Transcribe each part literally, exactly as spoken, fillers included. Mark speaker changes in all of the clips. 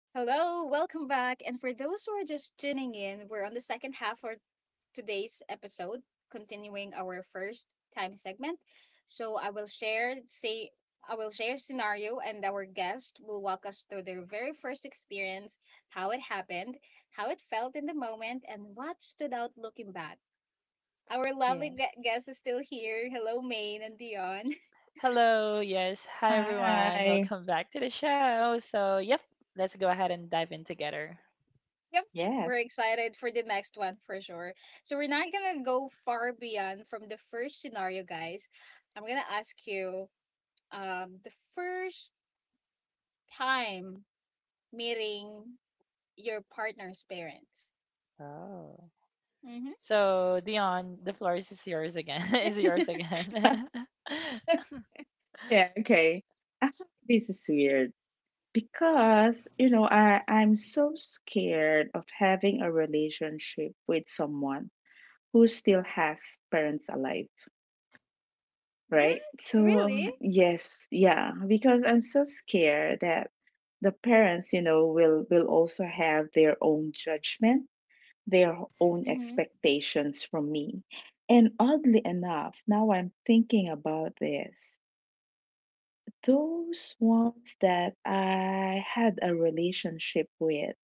Speaker 1: Hello, welcome back. And for those who are just tuning in, we're on the second half for today's episode, continuing our first time segment. So I will share say I will share scenario and our guest will walk us through their very first experience, how it happened, how it felt in the moment, and what stood out looking back. Our lovely gue-
Speaker 2: Yes.
Speaker 1: guest is still here. Hello, Maine and Dion.
Speaker 2: Hello. Yes. Hi, everyone.
Speaker 3: Hi.
Speaker 2: Welcome back to the show. So, yep, let's go ahead and dive in together.
Speaker 1: Yep.
Speaker 3: Yes.
Speaker 1: We're excited for the next one for sure. So we're not gonna go far beyond from the first scenario, guys. I'm gonna ask you um the first time meeting your partner's parents.
Speaker 2: Oh.
Speaker 1: Mm-hmm.
Speaker 2: So, Dion, the floor is is yours again. is yours again.
Speaker 3: Yeah, okay. Actually, this is weird because, you know, I, I'm so scared of having a relationship with someone who still has parents alive,
Speaker 1: What?
Speaker 3: right? So,
Speaker 1: Really?
Speaker 3: yes, yeah, because I'm so scared that the parents, you know, will will also have their own judgment, their own
Speaker 1: Mm-hmm.
Speaker 3: expectations from me. And oddly enough, now I'm thinking about this. Those ones that I had a relationship with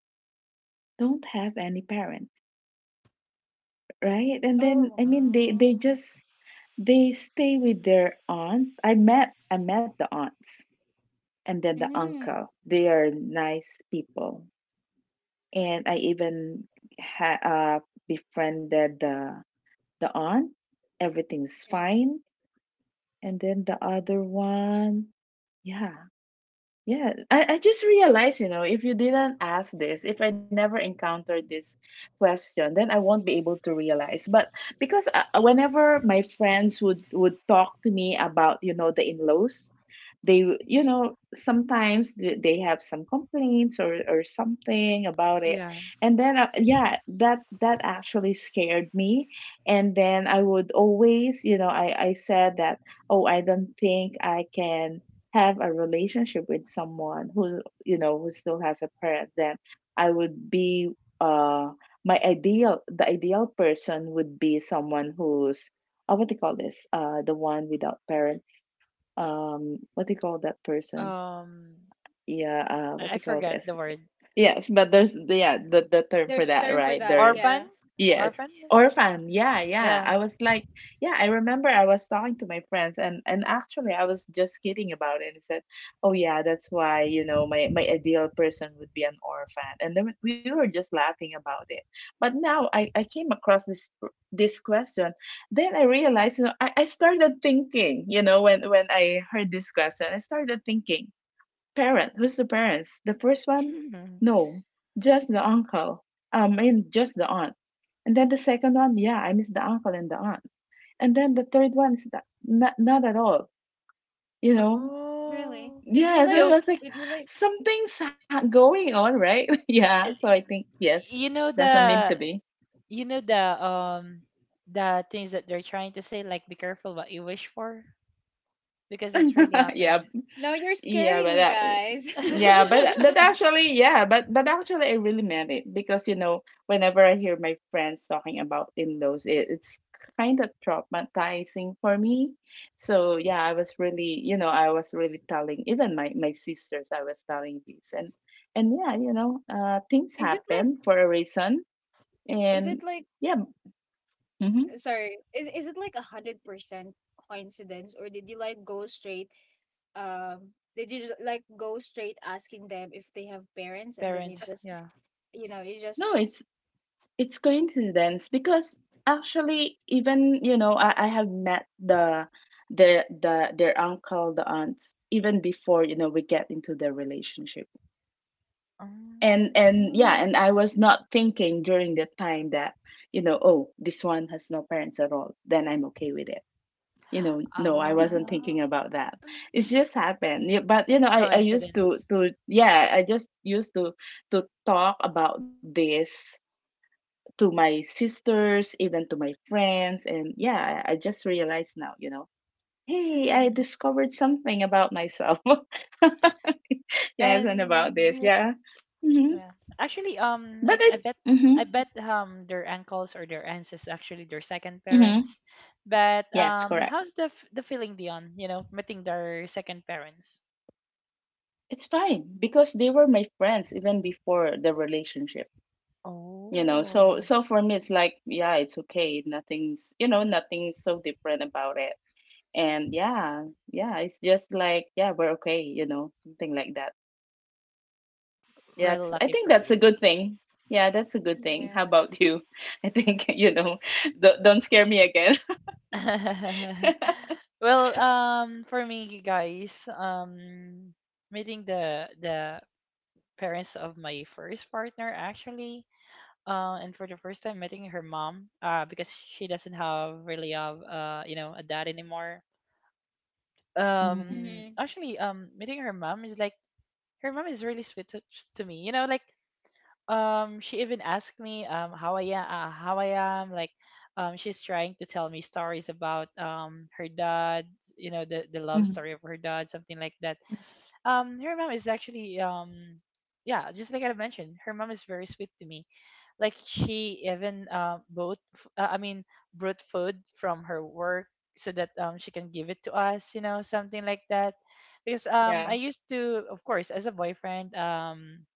Speaker 3: don't have any parents, right? And then I
Speaker 1: Oh.
Speaker 3: mean they they
Speaker 2: oh.
Speaker 3: just they stay with their aunt. I met I met the aunts and then the
Speaker 1: Mm-hmm.
Speaker 3: uncle. They are nice people. And I even ha- uh, befriended the the aunt. Everything's fine. And then the other one, yeah. Yeah, I, I just realized, you know, if you didn't ask this, if I never encountered this question, then I won't be able to realize. But because uh, uh, whenever my friends would would talk to me about, you know, the in-laws, they, w- you
Speaker 1: Mm-hmm.
Speaker 3: know, sometimes th- they have some complaints or or something about it.
Speaker 2: Yeah.
Speaker 3: And then uh, yeah, that that actually scared me. And then I would always, you know, I I said that, "Oh, I don't think I can have a relationship with someone who, you know, who still has a parent. Then I would be uh my ideal, the ideal person would be someone who's, uh, what do you call this, uh the one without parents. um what do you call that person?
Speaker 2: Um,
Speaker 3: Yeah. uh what
Speaker 2: I, I
Speaker 3: do you call
Speaker 2: forgot the
Speaker 3: this?"
Speaker 2: word.
Speaker 3: Yes, but there's, yeah, the the term for
Speaker 1: There's
Speaker 3: that,
Speaker 1: term for
Speaker 3: right?
Speaker 1: that,
Speaker 3: There is.
Speaker 1: yeah.
Speaker 2: Orphan?
Speaker 3: Yes.
Speaker 2: Orphan?
Speaker 3: Orphan. Yeah, yeah.
Speaker 2: Yeah.
Speaker 3: I was like, yeah, I remember I was talking to my friends, and and actually I was just kidding about it, and said, "Oh yeah, that's why, you know, my my ideal person would be an orphan." And then we were just laughing about it. But now I I came across this this question, then I realized, you know, I I started thinking, you know, when when I heard this question, I started thinking, parent, who's the parents? The first one? No, just the uncle. Um, I mean, just the aunt. And then the second one, yeah, I miss the uncle and the aunt. And then the third one is that, not, not at all, you know?
Speaker 1: Really?
Speaker 2: oh.
Speaker 1: Did you
Speaker 3: Yeah, so
Speaker 1: like
Speaker 3: it
Speaker 2: So,
Speaker 3: was like
Speaker 1: did you like
Speaker 3: something's ha- going on, right? Yeah,
Speaker 2: uh,
Speaker 3: so I think, yes,
Speaker 2: you know
Speaker 3: doesn't mean
Speaker 2: the
Speaker 3: to be.
Speaker 2: you know the um the things that they're trying to say, like, be careful what you wish for because it's really
Speaker 3: Yeah.
Speaker 2: happened.
Speaker 1: no, you're
Speaker 3: Yeah,
Speaker 1: scaring
Speaker 3: but
Speaker 1: me
Speaker 3: that,
Speaker 1: guys.
Speaker 3: yeah, but but actually, yeah, but but actually, I really meant it, because you know, whenever I hear my friends talking about in-laws, it, it's kind of traumatizing for me. So yeah, I was really, you know, I was really telling even my my sisters, I was telling this, and and yeah, you know, uh, things
Speaker 1: Is it
Speaker 3: happen
Speaker 1: like
Speaker 3: for a reason,
Speaker 1: is it
Speaker 3: and
Speaker 1: like
Speaker 3: yeah, mm-hmm.
Speaker 1: sorry is is it like a hundred percent coincidence or did you like go straight um did you ju- like go straight asking them if they have parents and then you
Speaker 2: Parents,
Speaker 1: just
Speaker 2: yeah.
Speaker 1: you know you just
Speaker 3: No, it's it's coincidence, because actually, even you know, I, I have met the the the their uncle, the aunts, even before, you know, we get into the relationship. and
Speaker 2: um,
Speaker 3: and yeah, and
Speaker 1: mm,
Speaker 3: I was not thinking during the time that, you know, oh, this one has no parents at all, then I'm okay with it, you know. No, I wasn't
Speaker 2: ah
Speaker 3: thinking about that. It's just happened.
Speaker 2: it-
Speaker 3: Yeah, but you know, I I used to
Speaker 2: coincidence.
Speaker 3: to yeah, I just used to to talk about this to my sisters, even to my friends. And yeah, I, I just realized now, you know, hey, I discovered something about myself. Yes, and about
Speaker 1: yeah
Speaker 2: And
Speaker 3: this. Yeah. Hmm.
Speaker 2: yeah, actually, um I,
Speaker 3: But
Speaker 2: I
Speaker 3: it,
Speaker 2: bet
Speaker 3: hmm.
Speaker 2: I bet um their uncles or their aunts is actually their second
Speaker 3: Hmm.
Speaker 2: parents. But
Speaker 3: Yes,
Speaker 2: um
Speaker 3: correct.
Speaker 2: how's the f- the feeling, Dion, you know, meeting their second parents?
Speaker 3: It's fine because they were my friends even before the relationship. You know, so
Speaker 2: Oh,
Speaker 3: so for me it's like, yeah, it's okay. Nothing's, you know, nothing's so different about it. And yeah, yeah, it's just like, yeah, we're okay, you know, something like that. Yeah,
Speaker 2: well,
Speaker 3: it's, I
Speaker 2: lucky
Speaker 3: think
Speaker 2: for
Speaker 3: that's a
Speaker 2: you.
Speaker 3: good thing. Yeah, that's a good thing. How
Speaker 1: yeah
Speaker 3: about you? I think, you know, don't, don't scare me again.
Speaker 2: Well, um, for me, you guys, um, meeting the the parents of my first partner, actually, uh, and for the first time meeting her mom, uh, because she doesn't have really have uh, you know, a dad anymore.
Speaker 3: Hmm.
Speaker 2: Um,
Speaker 1: mm-hmm,
Speaker 2: actually, um, meeting her mom is like her mom is really sweet to, to me. You know, like um she even asked me um how I am uh, how I am, like um she's trying to tell me stories about um her dad, you know, the the love
Speaker 3: Hmm.
Speaker 2: story of her dad, something like that. Um, her mom is actually um yeah, just like I mentioned, her mom is very sweet to me. Like she even uh, bought f- uh, I mean brought food from her work so that um she can give it to us, you know, something like that. Because um I
Speaker 3: Yeah.
Speaker 2: used to, of course, as a boyfriend, um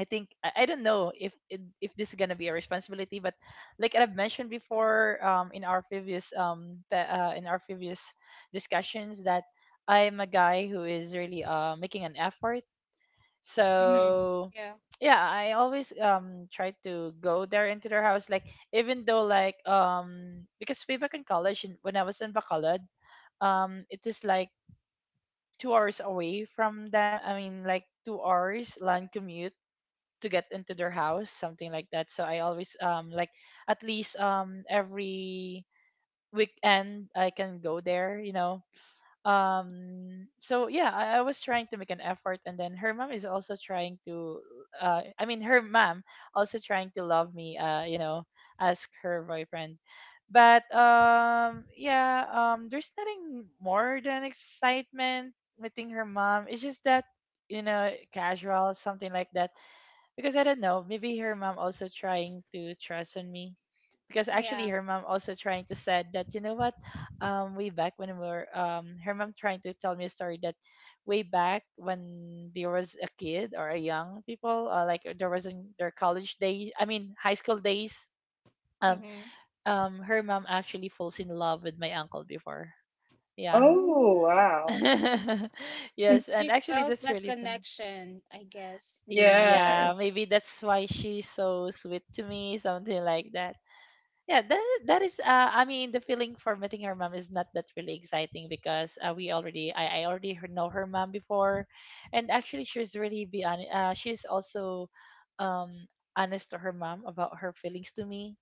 Speaker 2: I think I I don't know if if if this is gonna be a responsibility, but like I've mentioned before, um, in our previous um, pe- uh, in our previous discussions, that I'm a guy who is really uh making an effort.
Speaker 3: Yeah.
Speaker 1: mm-hmm.
Speaker 2: So
Speaker 1: Yeah
Speaker 2: yeah, I always um try to go there into their house, like even though like um because way back in college in- when I was in Bacolod, um it is like two hours away from them. I mean, like, two hours land commute to get into their house, something like that. So I always um, like, at least um every weekend I can go there, you know. Um so yeah, I, I was trying to make an effort, and then her mom is also trying to uh I mean her mom also trying to love me, uh you know, ask her boyfriend. But um yeah, um there's nothing more than excitement meeting her mom. It's just that you know, casual, something like that. Because I don't know, maybe her mom also trying to trust on me. Because actually,
Speaker 1: yeah
Speaker 2: her mom also trying to said that, you know what, um, way back when we were um, her mom trying to tell me a story that way back when there was a kid or a young people, uh, like uh, there was in their college days, I mean high school days. Um,
Speaker 1: mm-hmm.
Speaker 2: um, her mom actually falls in love with my uncle before. Yeah.
Speaker 3: Oh,
Speaker 1: Oh,
Speaker 3: wow.
Speaker 2: Yes,
Speaker 1: she
Speaker 2: and actually
Speaker 1: felt
Speaker 2: that's
Speaker 1: that
Speaker 2: really fun.
Speaker 1: connection, I guess.
Speaker 3: Yes.
Speaker 2: Yeah, maybe that's why she's so sweet to me, something like that. Yeah, that that is. Uh, I mean, the feeling for meeting her mom is not that really exciting because uh, we already, I, I already her- know her mom before, and actually she's really be hon- uh, she's also, um, honest to her mom about her feelings to me.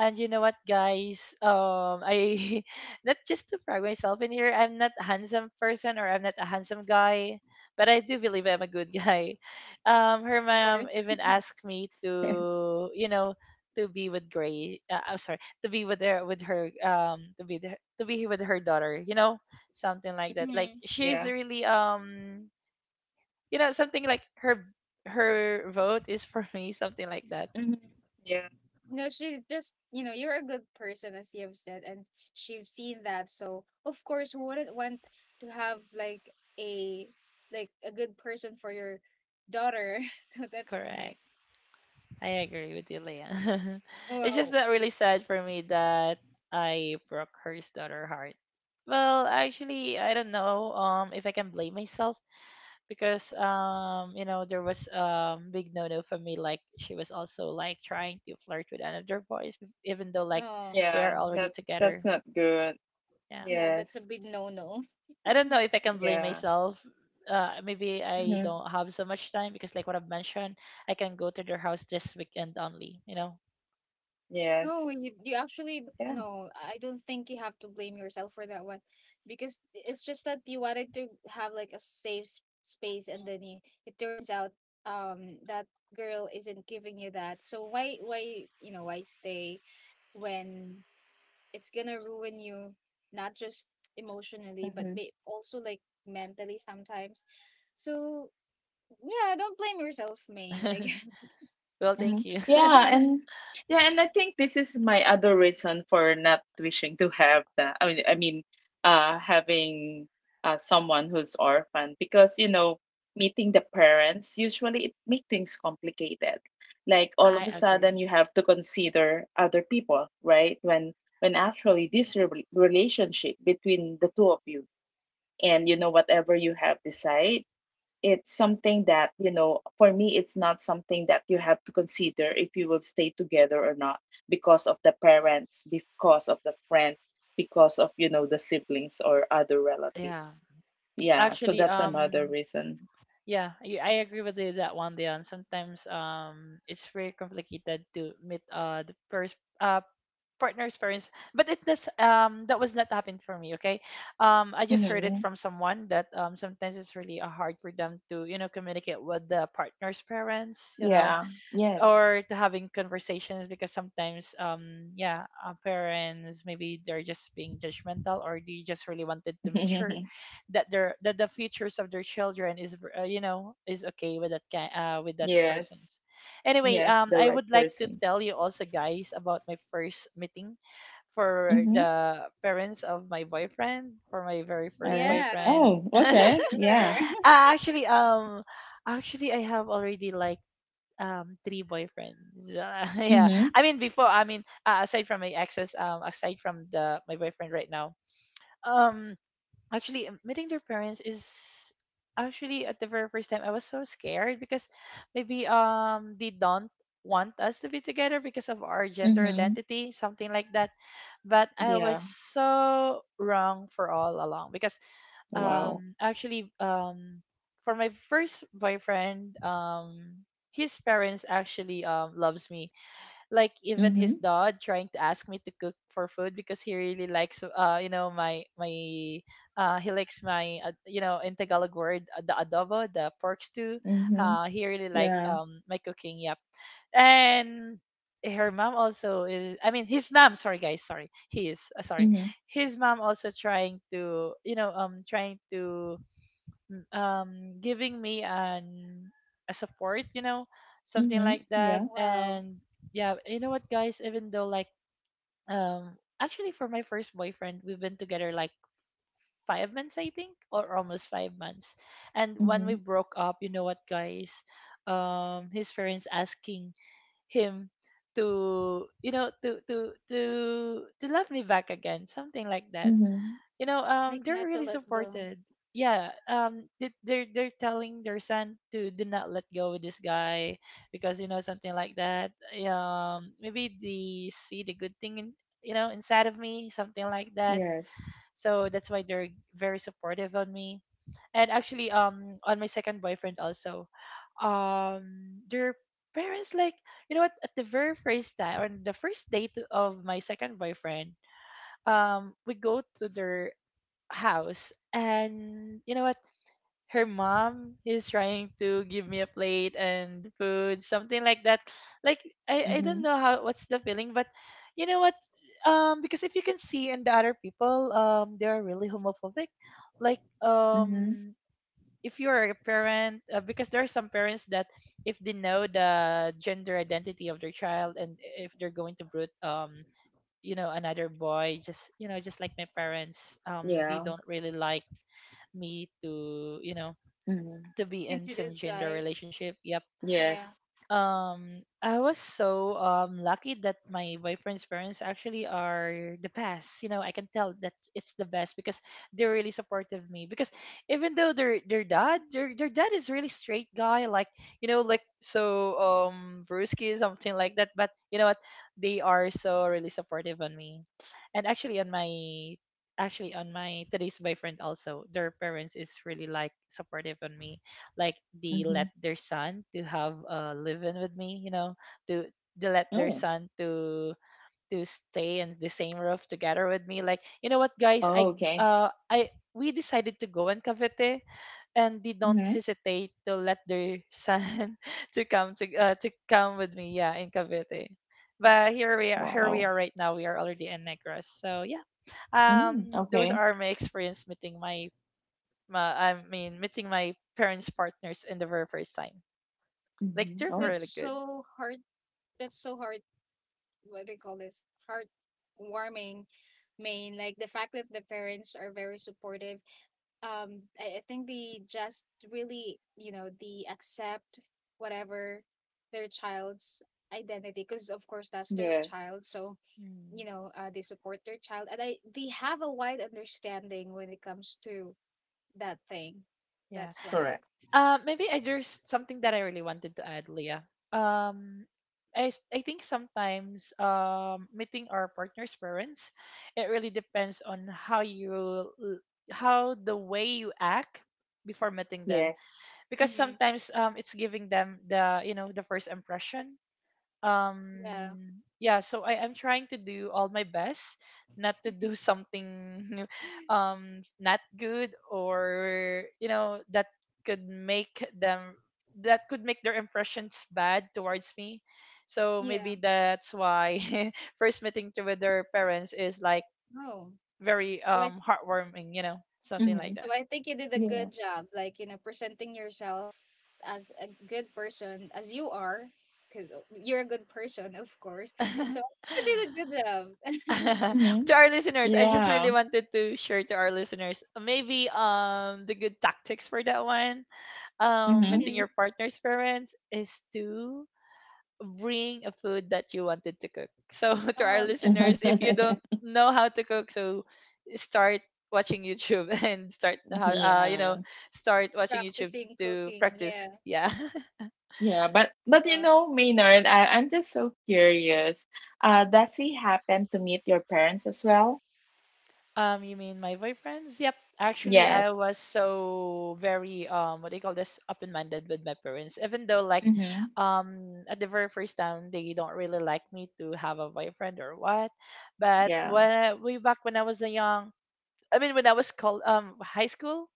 Speaker 2: And you know what, guys? Um, I not just to brag myself in here. I'm not a handsome person, or I'm not a handsome guy, but I do believe I'm a good guy. Um, her
Speaker 1: Of
Speaker 2: mom
Speaker 1: course.
Speaker 2: even asked me to, you know, to be with Gray. Uh, I'm sorry, to be with her, with her, um, to be the, to be with her daughter. You know, something like that. Like
Speaker 1: Mhm.
Speaker 2: she's
Speaker 3: Yeah.
Speaker 2: really, um, you know, something like her her vote is for me, something like that.
Speaker 3: Hmm. Yeah.
Speaker 1: No, she just, you know, you're a good person, as you have said, and s- she've seen that. So, of course, who wouldn't want to have like a like a good person for your daughter? So that's why.
Speaker 2: Correct. I agree with you, Leon. It's just
Speaker 1: Well,
Speaker 2: that really sad for me that I broke her daughter heart. Well, actually, I don't know um if I can blame myself because um you know there was um big no no for me, like she was also like trying to flirt with another boys bef- even though like
Speaker 1: oh,
Speaker 2: we
Speaker 3: Yeah.
Speaker 2: are already
Speaker 3: That
Speaker 2: together.
Speaker 3: that's not good.
Speaker 2: Yeah,
Speaker 1: yeah, that's a
Speaker 3: Yes.
Speaker 1: big no-no.
Speaker 2: I don't know if I can blame
Speaker 3: Yeah.
Speaker 2: myself. Uh, maybe I
Speaker 3: Hmm.
Speaker 2: don't have so much time because like what I've mentioned, I can go to their house this weekend only. You know.
Speaker 1: No,
Speaker 3: Yes.
Speaker 1: you you actually d-
Speaker 3: Yeah.
Speaker 1: no, I don't think you have to blame yourself for that one, because it's just that you wanted to have like a safe s- space, and then it, it turns out um that girl isn't giving you that. So why why you know, why stay when it's gonna ruin you, not just emotionally, but may
Speaker 3: Hmm.
Speaker 1: also like mentally sometimes. So yeah, don't blame yourself, main. Like
Speaker 2: Well,
Speaker 3: Mhm.
Speaker 2: thank you.
Speaker 3: Yeah, and yeah, and I think this is my other reason for not wishing to have the, I mean, I mean, uh, having uh someone who's orphan, because you know, meeting the parents usually, it make things complicated. Like all of
Speaker 2: I
Speaker 3: a sudden,
Speaker 2: agree.
Speaker 3: you have to consider other people, right? When when actually this re relationship between the two of you, and you know, whatever you have decide, it's something that, you know, for me, it's not something that you have to consider if you will stay together or not because of the parents, because of the friend, because of, you know, the siblings or other
Speaker 2: Yeah.
Speaker 3: relatives. Yeah, so
Speaker 2: Actually,
Speaker 3: that's another
Speaker 2: um,
Speaker 3: reason.
Speaker 2: yeah, y- I agree with you that one, Dion. Sometimes, um, it's very complicated to meet uh the first uh partner's parents, but it does um that was not happen for me. Okay, um, I just heard it
Speaker 3: Hmm.
Speaker 2: from someone that um sometimes it's really uh, hard for them to, you know, communicate with the partner's parents. You know,
Speaker 3: Yeah. Yes.
Speaker 2: or to having conversations, because sometimes um yeah uh, parents maybe they're just being judgmental, or they just really wanted to make sure that their that the futures of their children is uh, you know, is okay with that ki- uh, with that
Speaker 3: Yes.
Speaker 2: person's. Anyway,
Speaker 3: Yes,
Speaker 2: um
Speaker 3: the
Speaker 2: I
Speaker 3: right
Speaker 2: would like to
Speaker 3: person.
Speaker 2: tell you also guys about my first meeting for
Speaker 3: Mm-hmm.
Speaker 2: the parents of my boyfriend, for my very
Speaker 3: All
Speaker 2: first
Speaker 3: right.
Speaker 1: yeah,
Speaker 2: boyfriend.
Speaker 3: Oh,
Speaker 2: Uh,
Speaker 3: okay, yeah.
Speaker 1: sure.
Speaker 2: actually um actually I have already like um three boyfriends. Yeah,
Speaker 3: Mm-hmm.
Speaker 2: I mean before, I mean uh, aside from my exes, um aside from the my boyfriend right now. Um actually um, meeting their parents is actually at the very first time I was so scared because maybe um they don't want us to be together because of our gender
Speaker 3: Mm-hmm.
Speaker 2: identity, something like that. But I was
Speaker 3: Yeah.
Speaker 2: so wrong for all along because
Speaker 3: Wow.
Speaker 2: um actually um for my first boyfriend um his parents actually um loves me. Like even
Speaker 3: Mm-hmm.
Speaker 2: his dad trying to ask me to cook for food because he really likes uh you know my my uh he likes my uh, you know, in Tagalog word uh, the adobo, the pork stew.
Speaker 3: Mm-hmm.
Speaker 2: Uh he really like
Speaker 3: Yeah.
Speaker 2: um my cooking, yep. And her mom also is, I mean his mom, sorry guys, sorry he is uh, sorry
Speaker 3: Mm-hmm.
Speaker 2: his mom also trying to you know um trying to Mm, um giving me an a support, you know, something
Speaker 3: Mm-hmm.
Speaker 2: like
Speaker 3: Yeah.
Speaker 2: that.
Speaker 1: Wow.
Speaker 2: And yeah, you know what guys, even though like um actually for my first boyfriend we've been together like five months I think, or almost five months, and when we
Speaker 3: Mhm.
Speaker 2: broke up, you know what guys, um his parents asking him to you know to to to to love me back again, something like that.
Speaker 3: Mhm.
Speaker 2: You know, um
Speaker 1: Like
Speaker 2: they're
Speaker 1: not to
Speaker 2: really
Speaker 1: let go.
Speaker 2: supported. Yeah, um they- they're they're telling their son to do not let go with this guy because you know, something like that. Um maybe they see the good thing in you know inside of me, something like that.
Speaker 3: Yes.
Speaker 2: So that's why they're very supportive on me. And actually, um on my second boyfriend also, um their parents, like, you know what, at the very first time on the first date of my second boyfriend, um we go to their house and you know what, her mom is trying to give me a plate and food, something like that. Like, i i don't
Speaker 3: Mhm.
Speaker 2: know how what's the feeling, but you know what, um because if you can see in the other people um they are really homophobic. Like
Speaker 3: Mhm.
Speaker 2: um if you're a parent uh, because there are some parents that if they know the gender identity of their child, and if they're going to brood um you know another boy, just you know, just like my parents um
Speaker 3: Yeah.
Speaker 2: they don't really like me to you know
Speaker 3: Mhm.
Speaker 2: to be in
Speaker 1: Introduce
Speaker 2: some gender
Speaker 1: guys.
Speaker 2: relationship, yep.
Speaker 3: Yes.
Speaker 1: Yeah.
Speaker 2: Um I was so um lucky that my boyfriend's parents actually are the best. You know, I can tell that it's the best because they're really supportive of me. Because even though their their dad, their their dad is really straight guy, like you know, like so um brusky, something like that. But you know what? They are so really supportive on me, and actually on my actually on my today's boyfriend also their parents is really like supportive on me, like they
Speaker 3: Mhm.
Speaker 2: let their son to have a live in with me, you know. To they let their
Speaker 3: Oh.
Speaker 2: son to to stay in the same roof together with me, like you know what guys,
Speaker 3: Oh,
Speaker 2: I
Speaker 3: okay.
Speaker 2: uh I we decided to go in cavite, and they don't
Speaker 3: Mhm.
Speaker 2: hesitate to let their son to come to uh, to come with me, yeah, in cavite. But here we are here we
Speaker 3: Wow.
Speaker 2: are right now, we are already in negros, so yeah.
Speaker 3: Mm,
Speaker 2: Um, those
Speaker 3: okay.
Speaker 2: are my experience meeting my ma I mean, meeting my parents' partners in the very first time. Like
Speaker 3: Mhm.
Speaker 2: they're
Speaker 1: That's
Speaker 3: Oh.
Speaker 2: really good.
Speaker 1: so hard. That's so hard. What do you call this? Heartwarming. Main, like the fact that the parents are very supportive. Um, I, I think they just really, you know, they accept whatever their child's identity, because of course that's their
Speaker 3: Yes.
Speaker 1: child. So you
Speaker 2: Mm,
Speaker 1: know, uh, they support their child, and I they have a wide understanding when it comes to that thing.
Speaker 2: yeah.
Speaker 1: That's why.
Speaker 3: Correct.
Speaker 2: Uh, maybe I just something that I really wanted to add, Leah. Um, I s- I think sometimes um meeting our partner's parents, it really depends on how you l- how the way you act before meeting them,
Speaker 3: Yes.
Speaker 2: because sometimes um it's giving them the, you know, the first impression.
Speaker 1: Yeah.
Speaker 2: Um yeah, so I am trying to do all my best not to do something um not good, or you know, that could make them that could make their impressions bad towards me. So
Speaker 1: Yeah.
Speaker 2: maybe that's why, first meeting to with their parents is like
Speaker 1: Oh.
Speaker 2: very
Speaker 1: So I
Speaker 2: um heartwarming, you know, something like
Speaker 3: Mhm.
Speaker 1: so
Speaker 2: that.
Speaker 1: I think you did a
Speaker 3: Yeah.
Speaker 1: good job, like, you know, presenting yourself as a good person as you are, because you're a good person, of course. So I think you did a good job.
Speaker 2: To
Speaker 3: Mhm.
Speaker 2: our listeners, I just really
Speaker 3: Yeah.
Speaker 2: wanted to share to our listeners, uh, maybe um the good tactics for that one. Um,
Speaker 3: Mhm.
Speaker 2: meeting
Speaker 1: Mhm.
Speaker 2: your partner's parents is to bring a food that you wanted to cook. So, to our
Speaker 1: Oh,
Speaker 2: listeners, if you don't know how to cook, so start watching YouTube and start how uh you know,
Speaker 3: Yeah.
Speaker 2: start watching YouTube
Speaker 1: practicing
Speaker 2: to
Speaker 1: cooking.
Speaker 2: practice.
Speaker 1: Yeah.
Speaker 2: Yeah.
Speaker 3: Yeah, but but you
Speaker 1: Uh,
Speaker 3: know, Maynard, I, I'm just so curious. Uh, does he happen to meet your parents as well?
Speaker 2: Um, you mean my boyfriends? Yep. Actually, I
Speaker 3: Yes.
Speaker 2: was so very um what do you call this, open-minded with my parents. Even though like
Speaker 3: Mhm.
Speaker 2: um at the very first time they don't really like me to have a boyfriend or what, but
Speaker 3: Yeah.
Speaker 2: when I- way back when I was a young, I mean when I was called um high school,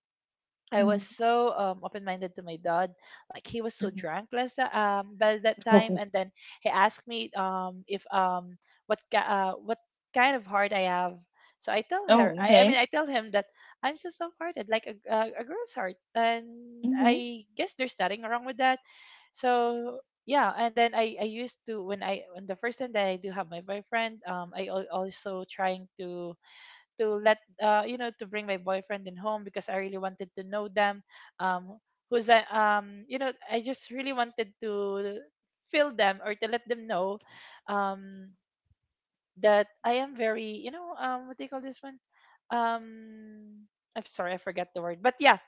Speaker 2: I was
Speaker 3: Mhm.
Speaker 2: so um, open-minded to my dad. Like he was so
Speaker 3: Mhm.
Speaker 2: drunk last ti- um by that time,
Speaker 3: Oh.
Speaker 2: and then he asked me um if um what ki- uh what kind of heart I have. So I tell her,
Speaker 3: Oh,
Speaker 2: I, I mean,
Speaker 3: okay.
Speaker 2: I tell him that I'm so soft-hearted, like a, a, a girl's heart, and
Speaker 3: Mm-hmm.
Speaker 2: I guess there's nothing wrong with that. So yeah, and then I I used to when I, when the first time that I do have my boyfriend, um, I al- also trying to to let uh, you know, to bring my boyfriend in home because I really wanted to know them. Um, who's I, um you know, I just really wanted to feel them or to let them know um that I am very, you know, um what do you call this one, um I'm sorry, I forgot the word, but yeah,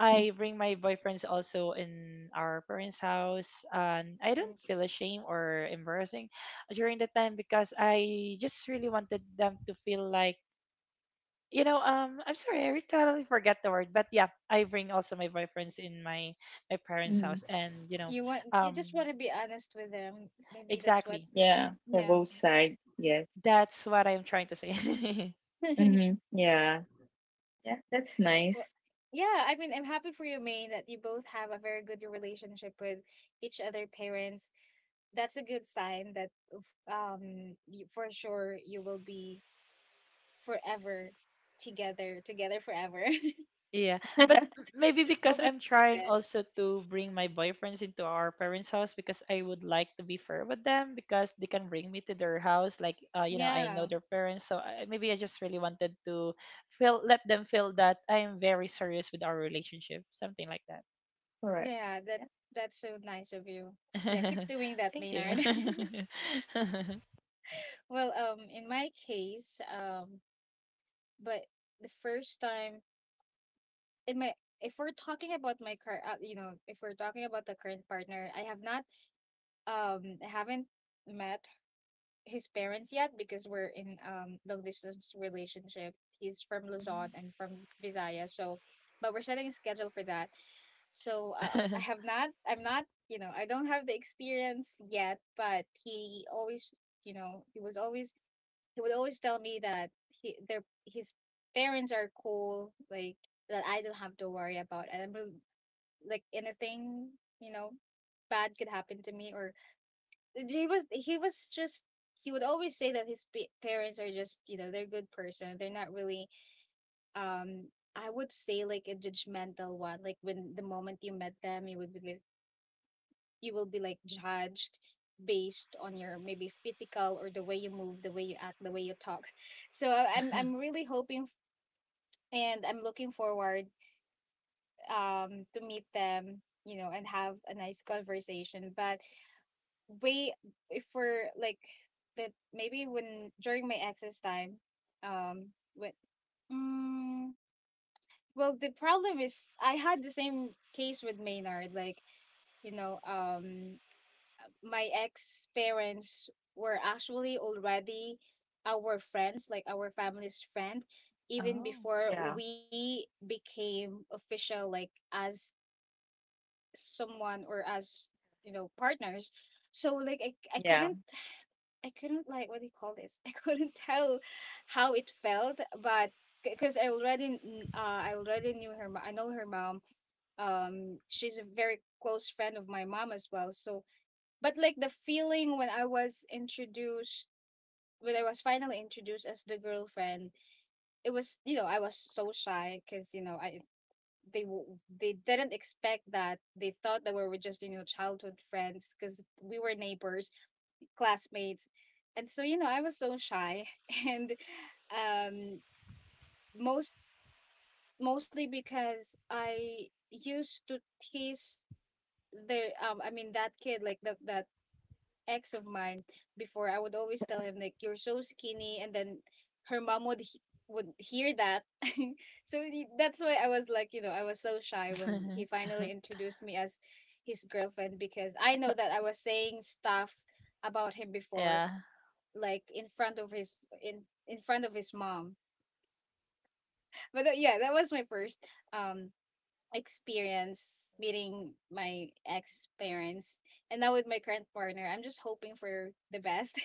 Speaker 2: I bring my boyfriends also in our parents' house, and I don't
Speaker 1: mm.
Speaker 2: feel ashamed or embarrassing during that time because I just really wanted them to feel like, you know, um, I'm sorry, I totally forget the word, but yeah, I bring also my boyfriends in my my parents'
Speaker 3: Mm-hmm.
Speaker 2: house, and you know,
Speaker 1: You want you
Speaker 2: um,
Speaker 1: just want to be honest with them. Maybe that's what
Speaker 2: exactly,
Speaker 3: Yeah, for
Speaker 1: yeah.
Speaker 3: both sides. Yes.
Speaker 2: that's what I'm trying to say.
Speaker 3: Mm-hmm. Yeah. Yeah, that's
Speaker 1: Well,
Speaker 3: nice.
Speaker 1: yeah, I mean, I'm happy for you, Maine, that you both have a very good relationship with each other parents. That's a good sign that f- um y- for sure you will be forever together together forever.
Speaker 2: Yeah, but m- maybe because
Speaker 1: Hoping
Speaker 2: I'm
Speaker 1: for the
Speaker 2: trying
Speaker 1: best.
Speaker 2: also to bring my boyfriends into our parents' house, because I would like to be fair with them, because they can bring me to their house, like uh, you know, I know
Speaker 1: Yeah.
Speaker 2: their parents, so I, maybe I just really wanted to feel let them feel that I am very serious with our relationship, something like.
Speaker 3: Correct. Yeah.
Speaker 1: Yeah, that that's so nice of you. Yeah, keep doing that,
Speaker 2: Thank you.
Speaker 1: Maynard. Well, um in my case, um but the first time in my, if we're talking about my car, uh, you know, if we're talking about the current partner, i have not um I haven't met his parents yet, because we're in um long distance relationship. He's from Luzon, I'm from Visayas, so but we're setting a schedule for that. So um, I have not, I'm not, you know, I don't have the experience yet, but he always, you know, he was always, he would always tell me that he, their, his parents are cool, like that I don't have to worry about, and I'm re- like anything, you know, bad could happen to me. Or he was he was just he would always say that his pa- parents are just, you know, they're good person, they're not really, um I would say, like a judgmental one. Like when the moment you met them, you would be like, you will be like judged based on your maybe physical or the way you move, the way you act, the way you talk. So i'm i'm really hoping f- and I'm looking forward um to meet them, you know, and have a nice conversation. But way before like that, maybe when during my ex's time, um when mm, well the problem is I had the same case with Maynard. Like you know, um my ex parents were actually already our friends, like our family's friend, even
Speaker 2: Oh.
Speaker 1: before
Speaker 3: Yeah.
Speaker 1: we became official, like as someone or as you know partners. So like i,
Speaker 3: Yeah.
Speaker 1: I couldn't, I couldn't, like what do you call this? I couldn't tell how it felt, but because I already kn- uh I already knew her. mo- I know her mom. Um, she's a very close friend of my mom as well. So, but like the feeling when I was introduced. When I was finally introduced as the girlfriend, it was, you know, I was so shy because you know I they w- they didn't expect that, they thought that we were just you know childhood friends because we were neighbors, classmates. And so, you know, I was so shy and um most mostly because I used to tease the um I mean that kid, like the, that ex of mine before, I would always tell him like you're so skinny, and then her mom would he- would hear that. So he- that's why I was like, you know, I was so shy when he finally introduced me as his girlfriend, because I know that I was saying stuff about him before,
Speaker 2: Yeah.
Speaker 1: like in front of his in in front of his mom. But uh, yeah, that was my first um experience meeting my ex parents, and now with my current partner, I'm just hoping for the best.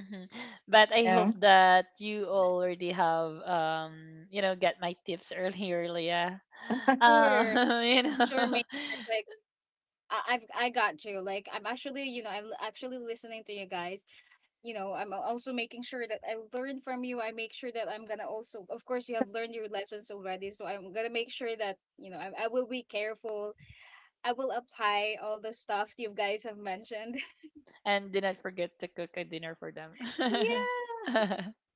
Speaker 2: Mhm. But I hope
Speaker 3: Yeah.
Speaker 2: that you already have, um you know, get my tips earlier, Leah.
Speaker 1: Sure,
Speaker 2: Um, you
Speaker 1: sure,
Speaker 2: know.
Speaker 1: mate. Like I- I've I got you. Like I'm actually, you know, I'm actually listening to you guys. You know, I'm also making sure that I learn from you. I make sure that I'm gonna also, of course, you have learned your lessons already. So I'm gonna make sure that you know I, I will be careful, I will apply all the stuff you guys have mentioned.
Speaker 2: And do not forget to cook a dinner for them.
Speaker 1: Yeah.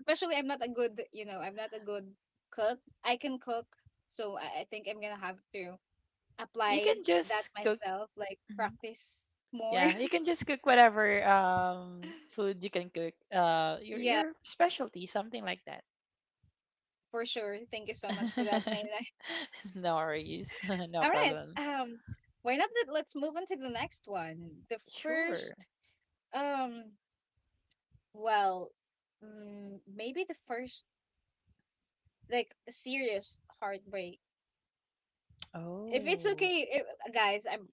Speaker 1: Especially I'm not a good, you know, I'm not a good cook. I can cook, so I I think I'm gonna have to
Speaker 2: You
Speaker 1: apply
Speaker 2: can
Speaker 1: that
Speaker 2: just cook.
Speaker 1: myself, like
Speaker 2: Mhm.
Speaker 1: practice more.
Speaker 2: Yeah, you can just cook whatever um food you can cook. Uh, your
Speaker 1: Yeah,
Speaker 2: your specialty, something like that.
Speaker 1: for sure. Thank you so much for that, Mayla.
Speaker 2: No worries, no
Speaker 1: All right.
Speaker 2: problem.
Speaker 1: Um, why not that let's move on to the next one. The
Speaker 2: Sure.
Speaker 1: first um well mm, maybe the first like serious heartbreak. If it's
Speaker 2: Oh.
Speaker 1: okay, if, guys, I'm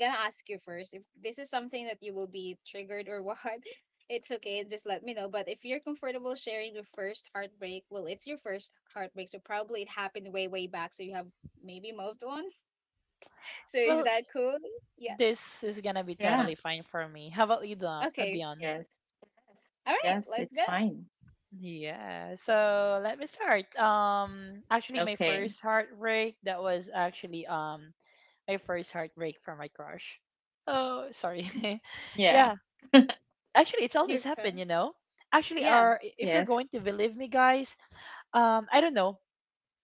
Speaker 1: gonna ask you first if this is something that you will be triggered or what. It's okay, just let me know. But if you're comfortable sharing your first heartbreak, well, it's your first heartbreak, so probably it happened way, way back, so you have maybe moved on. So is
Speaker 2: Well,
Speaker 1: that cool? Yeah.
Speaker 2: this is gonna be
Speaker 3: Yeah.
Speaker 2: totally fine for me. How about you, Don? uh,
Speaker 1: Okay.
Speaker 2: Dion?
Speaker 3: Yes. Yes.
Speaker 1: All right,
Speaker 3: Yes,
Speaker 1: let's
Speaker 3: it's
Speaker 1: go.
Speaker 3: fine.
Speaker 2: Yeah. So let me start. Um, actually, my
Speaker 3: Okay.
Speaker 2: first heartbreak, that was actually um my first heartbreak from my crush. Oh, sorry.
Speaker 3: Mm. Yeah.
Speaker 2: Yeah. Actually, it's
Speaker 1: You're
Speaker 2: always happened,
Speaker 1: fine.
Speaker 2: you know. Actually,
Speaker 1: Yeah.
Speaker 2: our, if you're going
Speaker 3: Yes.
Speaker 2: to believe me, guys, um, I don't know.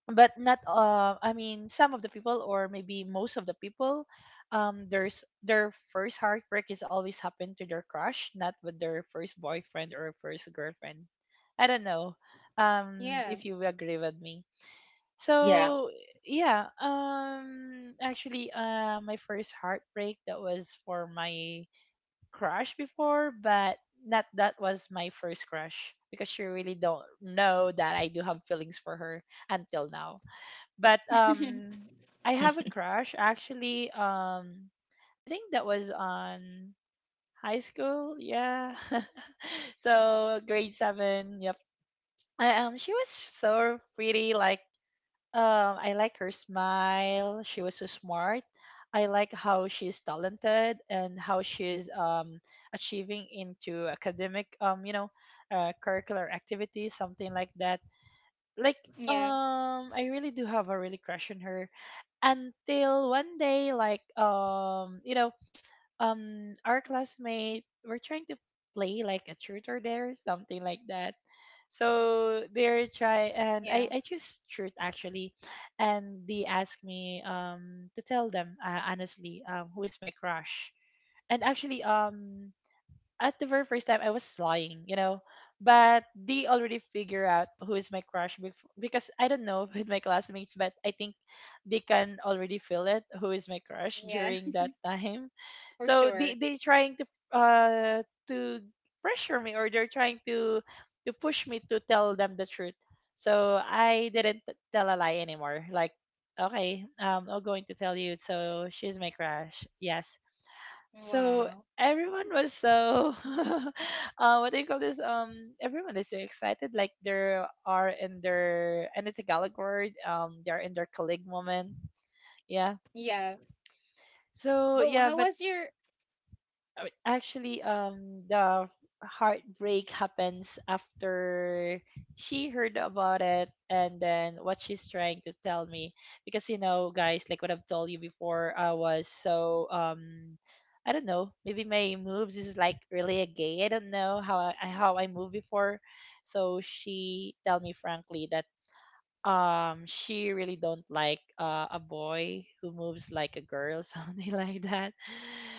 Speaker 2: But not uh I mean some of the people, or maybe most of the people, um there's their first heartbreak is always happened to their crush, not with their first boyfriend or first girlfriend. I don't know um
Speaker 1: Yeah.
Speaker 2: if you agree with me.
Speaker 3: Yeah.
Speaker 2: So yeah, um actually, uh my first heartbreak, that was for my crush before, but not that was my first crush, because she really don't know that I do have feelings for her until now. But um, I have a crush, actually. Um, I think that was on high school. Yeah. So grade seven. Yep. I, um, she was so pretty. Like, um, I like her smile. She was so smart. I like how she's talented and how she's um achieving into academic, um you know, uh, curricular activities, something like that. Like,
Speaker 1: Yeah.
Speaker 2: um I really do have a really crush on her, until one day, like, um you know, um our classmate were trying to play like a truth or dare, something like that. So they're try and
Speaker 1: Yeah.
Speaker 2: i i choose truth, actually. And they asked me um to tell them, uh, honestly, um who is my crush. And actually, um at the very first time I was lying, you know. But they already figure out who is my crush bef- because I don't know, with my classmates, but I think they can already feel it who is my crush
Speaker 1: Yeah.
Speaker 2: during that time.
Speaker 1: For
Speaker 2: So
Speaker 1: sure.
Speaker 2: they they trying to uh to pressure me, or they're trying to to push me to tell them the truth. So I didn't t- tell a lie anymore. Like, okay, um, I'm going to tell you. So she's my crush. Yes, so
Speaker 1: Wow.
Speaker 2: everyone was so uh, what do you call this? Um, everyone is so excited, like they are in their, and it's a Tagalog word. Um, they are in their colleague moment. Yeah.
Speaker 1: Yeah.
Speaker 2: So
Speaker 1: But
Speaker 2: yeah,
Speaker 1: how
Speaker 2: but
Speaker 1: was your
Speaker 2: I- actually, um the heartbreak happens after she heard about it, and then what she's trying to tell me, because you know guys, like what I've told you before, I was so um I don't know, maybe my moves is like really a gay, I don't know how I how I move before. So she tell me frankly that um she really don't like uh, a boy who moves like a girl, something like that.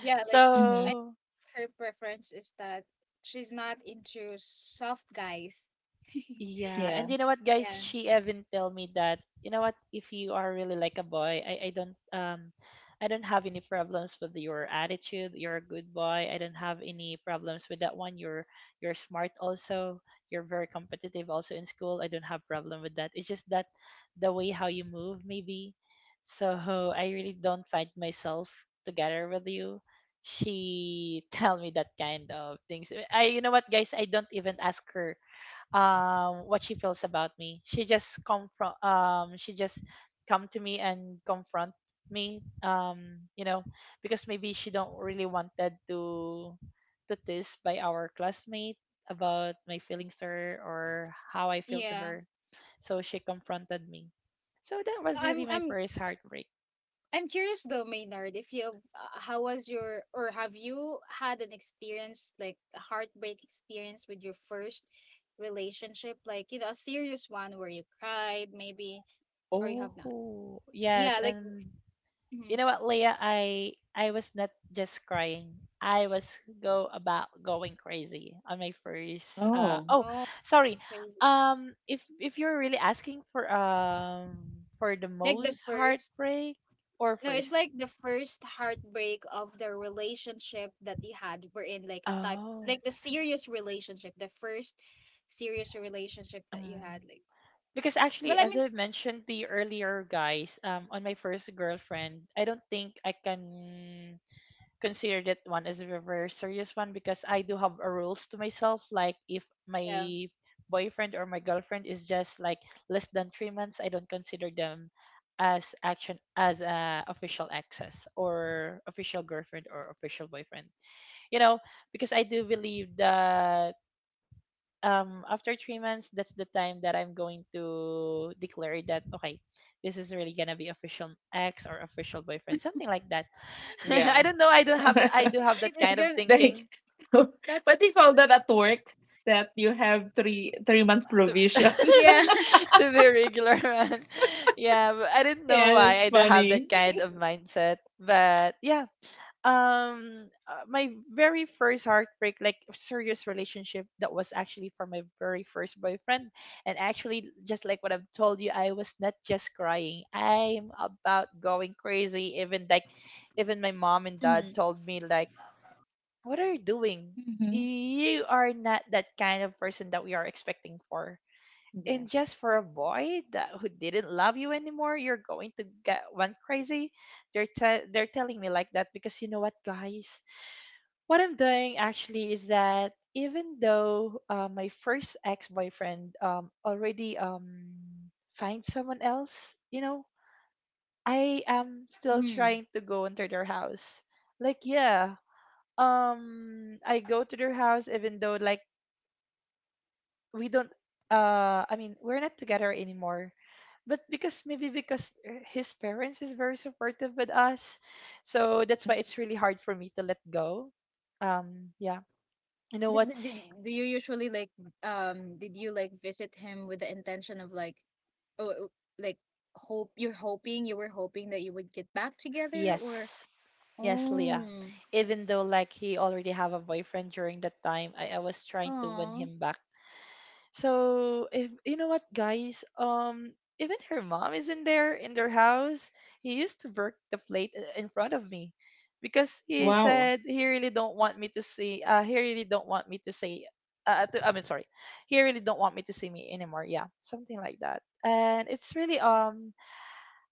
Speaker 1: yeah, like
Speaker 3: Mm-hmm.
Speaker 2: So,
Speaker 1: her preference is that she's not into soft guys.
Speaker 2: yeah, and
Speaker 3: Yeah.
Speaker 2: you know what, guys?
Speaker 1: Yeah,
Speaker 2: She even tell me that, you know what, if you are really like a boy, I I don't um, I don't have any problems with your attitude. You're a good boy. I don't have any problems with that one. You're you're smart also. You're very competitive also in school. I don't have problem with that. It's just that the way how you move maybe. So I really don't find myself together with you. She tell me that kind of things. I, you know what, guys? I don't even ask her um what she feels about me. She just come from um she just come to me and confront me, um you know, because maybe she don't really wanted to to this by our classmate about my feelings to her or how I feel to
Speaker 1: yeah.
Speaker 2: her. So she confronted me. So that was really
Speaker 1: I'm,
Speaker 2: my
Speaker 1: I'm,
Speaker 2: first heartbreak.
Speaker 1: I'm curious though, Maynard, if you, uh, how was your, or have you had an experience like a heartbreak experience with your first relationship, like you know, a serious one where you cried, maybe, or you have not?
Speaker 2: Oh
Speaker 1: Yeah,
Speaker 2: yes.
Speaker 1: like,
Speaker 2: And you
Speaker 1: mhm.
Speaker 2: know what, Leah? I I was not just crying. I was go about going crazy on my first. Uh,
Speaker 3: Oh,
Speaker 2: oh,
Speaker 1: Oh,
Speaker 2: sorry.
Speaker 1: went crazy.
Speaker 2: Um, if if you're really asking for um for the
Speaker 1: Like the
Speaker 2: most
Speaker 1: first,
Speaker 2: heartbreak or
Speaker 1: no, it's
Speaker 2: first.
Speaker 1: like the first heartbreak of the relationship that you had. We're in like a type
Speaker 2: Oh.
Speaker 1: like the serious relationship, the first serious relationship that you had.
Speaker 2: Um,
Speaker 1: Like
Speaker 2: because
Speaker 1: well,
Speaker 2: actually,
Speaker 1: I
Speaker 2: as
Speaker 1: mean
Speaker 2: I mentioned the earlier guys, um, on my first girlfriend, I don't think I can consider that one as a very serious one, because I do have a rules to myself. Like if
Speaker 1: yeah.
Speaker 2: my boyfriend or my girlfriend is just like less than three months, I don't consider them as action as a official access or official girlfriend or official boyfriend. You know, because I do believe that um after three months, that's the time that I'm going to declare that, okay, this is really gonna be official ex or official boyfriend, something like that.
Speaker 3: yeah.
Speaker 2: I don't know, I don't have the, I do
Speaker 1: But
Speaker 2: have that
Speaker 1: it is
Speaker 2: kind of
Speaker 1: gonna.
Speaker 3: Like,
Speaker 2: thinking.
Speaker 3: what do
Speaker 1: That's
Speaker 3: you call that at work? That you have three three months provision.
Speaker 1: yeah.
Speaker 2: To be regular man. Yeah, but I didn't know
Speaker 3: Yeah,
Speaker 2: why
Speaker 3: that's
Speaker 2: I do have that
Speaker 3: funny.
Speaker 2: kind of mindset, but yeah, um uh, my very first heartbreak, like serious relationship, that was actually for my very first boyfriend. And actually, just like what I've told you, I was not just crying, I'm about going crazy. Even like, even my mom and dad
Speaker 1: Mm,
Speaker 2: told me like, what are you doing?
Speaker 3: Mm-hmm.
Speaker 2: You are not that kind of person that we are expecting for.
Speaker 3: Yeah.
Speaker 2: And just for a boy that who didn't love you anymore, you're going to get one crazy. they're te- they're telling me like that, because you know what guys, what I'm doing actually is that, even though uh, my first ex-boyfriend, um, already, um, finds someone else, you know, I am still
Speaker 1: mm.
Speaker 2: trying to go into their house. Like, yeah, um, I go to their house even though like we don't, uh, I mean, we're not together anymore. But because maybe because uh, his parents is very supportive with us, so that's why it's really hard for me to let go. Um, yeah, you know
Speaker 1: Did,
Speaker 2: what?
Speaker 1: did, did, do you usually like um did you like visit him with the intention of like oh oh, like hope you're hoping you were hoping that you would get back together or
Speaker 2: Yes, yes, Leah.
Speaker 1: oh
Speaker 2: Even though like he already have a boyfriend during that time, I, I was trying to win
Speaker 1: oh
Speaker 2: him back. So if you know what guys, um even her mom is in there in their house. He used to break the plate i- in front of me because he
Speaker 3: Wow.
Speaker 2: said he really don't want me to see uh he really don't want me to say uh to, I mean sorry. He really don't want me to see me anymore. Yeah, something like that. And it's really um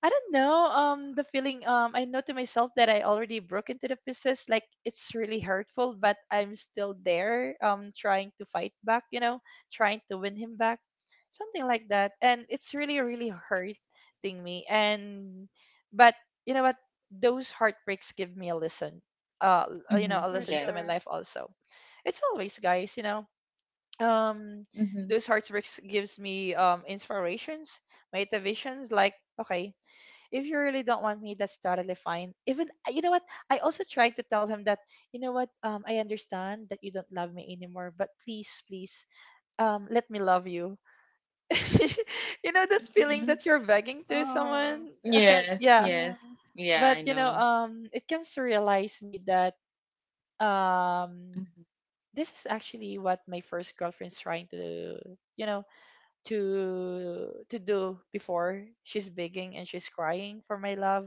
Speaker 2: I don't know. Um, the feeling. Um, I know to myself that I already broke into the pieces. Like it's really hurtful, but I'm still there. Um, trying to fight back. You know, trying to win him back, something like that. And it's really, really hurting me. And but you know what? Those heartbreaks give me a lesson. Uh, you know, a
Speaker 1: For
Speaker 3: Mm-hmm.
Speaker 2: lessons to my
Speaker 1: sure.
Speaker 3: Yes.
Speaker 2: life also. It's always guys. You know, um,
Speaker 3: Mm-hmm.
Speaker 2: those heartbreaks gives me um inspirations, motivations. Like okay, if you really don't want me, that's totally fine. Even uh, you know what? I also tried to tell him that, you know what, um, I understand that you don't love me anymore, but please, please, um, let me love you. You know that feeling
Speaker 3: Mm-hmm.
Speaker 2: that you're begging to
Speaker 1: Oh.
Speaker 2: someone?
Speaker 3: Yes.
Speaker 2: Yeah.
Speaker 1: Yeah.
Speaker 3: Yes. Yeah, I
Speaker 2: But you know,
Speaker 3: know.
Speaker 2: um, it comes to realize me that um
Speaker 3: Mm-hmm.
Speaker 2: this is actually what my first girlfriend's trying to, you know, to to do before. She's begging and she's crying for my love.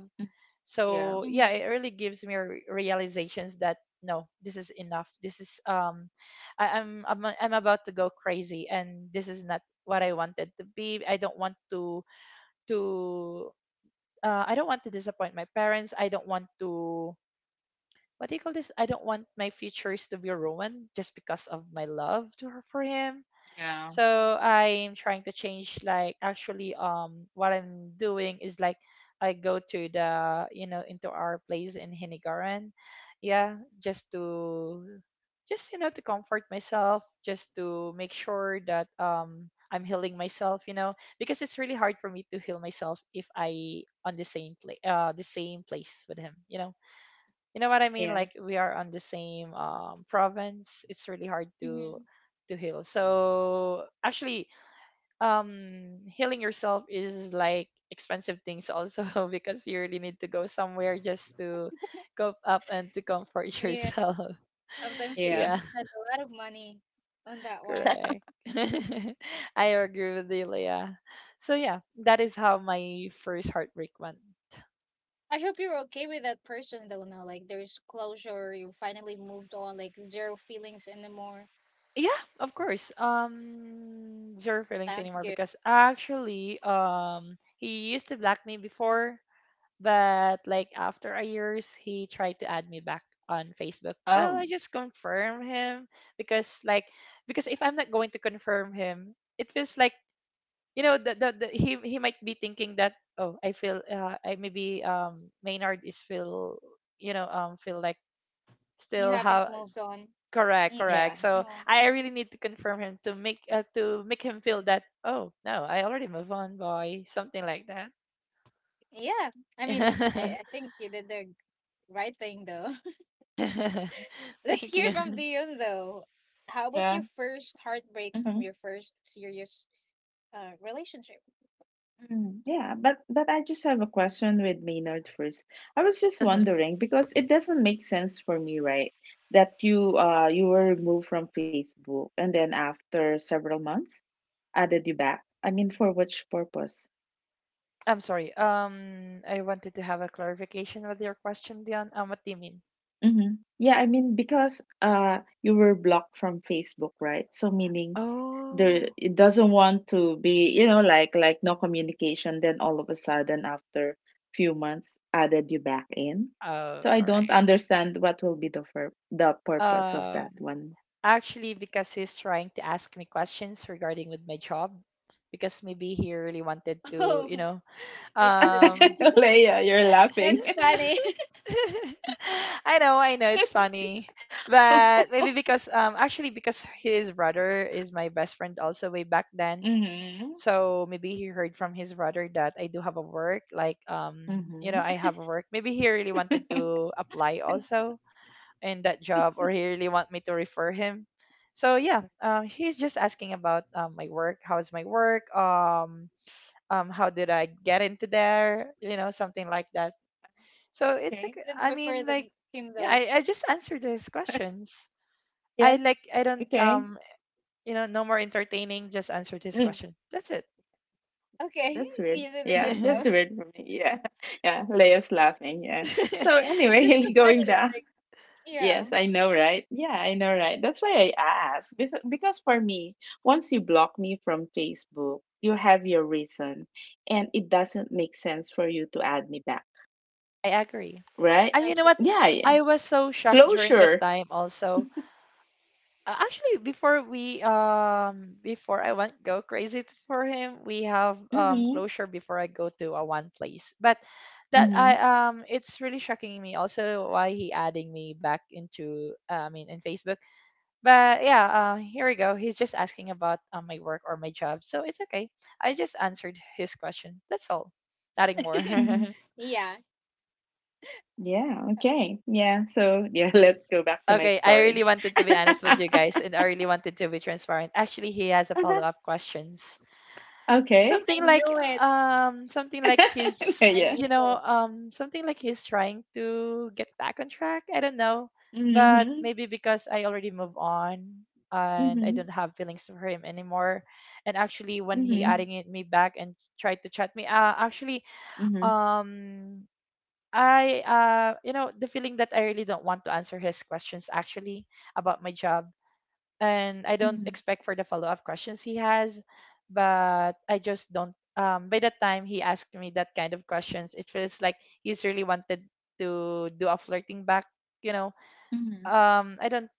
Speaker 3: Yeah.
Speaker 2: So yeah,
Speaker 1: Mhm,
Speaker 2: it really gives me re- realizations that no, this is enough. This is um I, I'm, I'm a- I'm about to go crazy, and this is not what I wanted to be. I don't want to to uh, I don't want to disappoint my parents. I don't want to, what do you call this, I don't want my futures to be ruined just because of my love to her, for him.
Speaker 3: Yeah.
Speaker 2: So I'm trying to change. Like actually um what I'm doing is like I go to the, you know, into our place in Hinigaran, yeah, just to, just you know, to comfort myself, just to make sure that um I'm healing myself, you know, because it's really hard for me to heal myself if I on the same place uh the same place with him, you know. You know what I mean?
Speaker 3: Yeah.
Speaker 2: Like we are on the same um, province. It's really hard to
Speaker 1: mhm.
Speaker 2: to heal. So actually, um, healing yourself is like expensive things also because you really need to go somewhere just to go up and to comfort
Speaker 1: Yeah,
Speaker 2: yourself.
Speaker 1: sometimes you
Speaker 3: Yeah.
Speaker 1: even
Speaker 2: Yeah,
Speaker 1: spend a lot of money on that one.
Speaker 2: correct. I agree with you, Leah. So yeah, that is how my first heartbreak went.
Speaker 1: I hope you're okay with that person though now. Like there's closure, you finally moved on, like zero feelings anymore.
Speaker 2: Yeah, of course. Um, zero feelings
Speaker 1: That's
Speaker 2: anymore
Speaker 1: good.
Speaker 2: because actually, um, he used to block me before, but like after a years, he tried to add me back on Facebook. Well, I
Speaker 3: Oh.
Speaker 2: just confirm him because like, because if I'm not going to confirm him, it feels like, you know, the, the, the he he might be thinking that oh I feel uh I maybe um Maynard is feel, you know, um feel like
Speaker 1: You
Speaker 2: still
Speaker 1: haven't
Speaker 2: have
Speaker 1: moved
Speaker 2: s-
Speaker 1: on.
Speaker 2: correct,
Speaker 1: Yeah.
Speaker 3: Yeah.
Speaker 2: correct. So
Speaker 1: Oh,
Speaker 2: I really need to confirm him to make uh, to make him feel that oh no, I already move on, boy, something like that.
Speaker 1: yeah. I mean, I, I think you did the right thing though. Let's
Speaker 2: Thank
Speaker 1: hear from
Speaker 2: you.
Speaker 1: Dion though. How about
Speaker 3: Yeah.
Speaker 1: your first heartbreak from
Speaker 3: Mm-hmm.
Speaker 1: your first serious uh relationship?
Speaker 3: Mm, yeah, but but I just have a question with Maynard first. I was just wondering because it doesn't make sense for me, right? That you, uh, you were removed from Facebook, and then after several months added you back. I mean, for which purpose?
Speaker 2: I'm sorry, um I wanted to have a clarification with your question, Dion. Um what do you mean?
Speaker 3: Mm-hmm. Yeah, I mean, because uh, you were blocked from Facebook, right? So meaning, there,
Speaker 2: Oh.
Speaker 3: it doesn't want to be, you know, like like no communication, then all of a sudden after few months added you back in.
Speaker 2: Oh,
Speaker 3: So I don't
Speaker 2: correct.
Speaker 3: understand what will be the fur- the purpose of
Speaker 2: um
Speaker 3: that one.
Speaker 2: Actually, because he's trying to ask me questions regarding with my job, because maybe he really wanted to,
Speaker 1: Oh,
Speaker 2: you know,
Speaker 1: it's the
Speaker 2: um
Speaker 3: Leia, you're laughing.
Speaker 1: That's funny. I
Speaker 2: I know, I know, it's funny. But maybe because um actually because his brother is my best friend also way back then.
Speaker 3: Mm-hmm.
Speaker 2: So maybe he heard from his brother that I do have a work, like, um, you
Speaker 3: Mm-hmm.
Speaker 2: know, I have a work. Maybe he really wanted to apply also in that job, or he really want me to refer him. So yeah, um he's just asking about um my work, how's my work? Um um how did I get into there? You know, something like that. So it's
Speaker 3: Okay.
Speaker 2: okay.
Speaker 1: didn't
Speaker 2: I
Speaker 1: prefer
Speaker 2: mean,
Speaker 1: them
Speaker 2: like,
Speaker 1: him
Speaker 2: yeah,
Speaker 1: though.
Speaker 2: I, I just answered his questions.
Speaker 3: Yeah,
Speaker 2: I like I don't
Speaker 3: okay.
Speaker 2: um you know, no more entertaining. Just answered his
Speaker 3: Mm.
Speaker 2: questions. That's it.
Speaker 1: Okay,
Speaker 3: That's weird.
Speaker 1: you did a good
Speaker 3: Yeah, just
Speaker 1: job.
Speaker 3: weird for me. Yeah, yeah. Leo's laughing. Yeah. So
Speaker 1: It's just so
Speaker 3: anyway,
Speaker 1: funny.
Speaker 3: going back.
Speaker 1: Yeah,
Speaker 3: Yes, I know, right? Yeah, I know, right? That's why I asked. Bef- Because for me, once you block me from Facebook, you have your reason, and it doesn't make sense for you to add me back,
Speaker 2: I agree.
Speaker 3: right?
Speaker 2: And you know what?
Speaker 1: absolutely.
Speaker 3: Yeah, yeah.
Speaker 2: I was so shocked during that
Speaker 3: Closure.
Speaker 2: time also. Uh, actually, before we um before I went go crazy t- for him, we have um
Speaker 3: Mm-hmm.
Speaker 2: closure before I go to a one place. But that I
Speaker 3: Mm-hmm.
Speaker 2: um it's really shocking me also why he adding me back into uh, I mean in Facebook. But yeah, uh, here we go. He's just asking about um, my work or my job, so it's okay. I just answered his question. That's all. Nothing more.
Speaker 3: Mm-hmm.
Speaker 1: Yeah,
Speaker 3: Yeah, okay. Yeah, so yeah, let's go back to my
Speaker 2: Okay, I
Speaker 3: story.
Speaker 2: really wanted to be honest with you guys, and I really wanted to be transparent. Actually, he has a follow-up questions.
Speaker 3: Okay.
Speaker 1: I
Speaker 2: Something like
Speaker 1: knew it.
Speaker 2: um something like
Speaker 1: I
Speaker 2: he's,
Speaker 3: Yeah.
Speaker 1: knew
Speaker 2: you know,
Speaker 1: it.
Speaker 2: um something like he's trying to get back on track, I don't know. But
Speaker 3: Mhm.
Speaker 2: maybe because I already moved on and I
Speaker 3: Mhm.
Speaker 2: don't have feelings for him anymore. And actually when he
Speaker 3: Mhm.
Speaker 2: adding it me back and tried to chat me, uh, actually
Speaker 3: Mhm.
Speaker 2: um I uh you know, the feeling that I really don't want to answer his questions actually about my job, and I don't
Speaker 3: Mhm.
Speaker 2: expect for the follow-up questions he has, but I just don't. Um, by the time he asked me that kind of questions, it feels like he's really wanted to do a flirting back. You know,
Speaker 3: Mhm.
Speaker 2: um, I don't,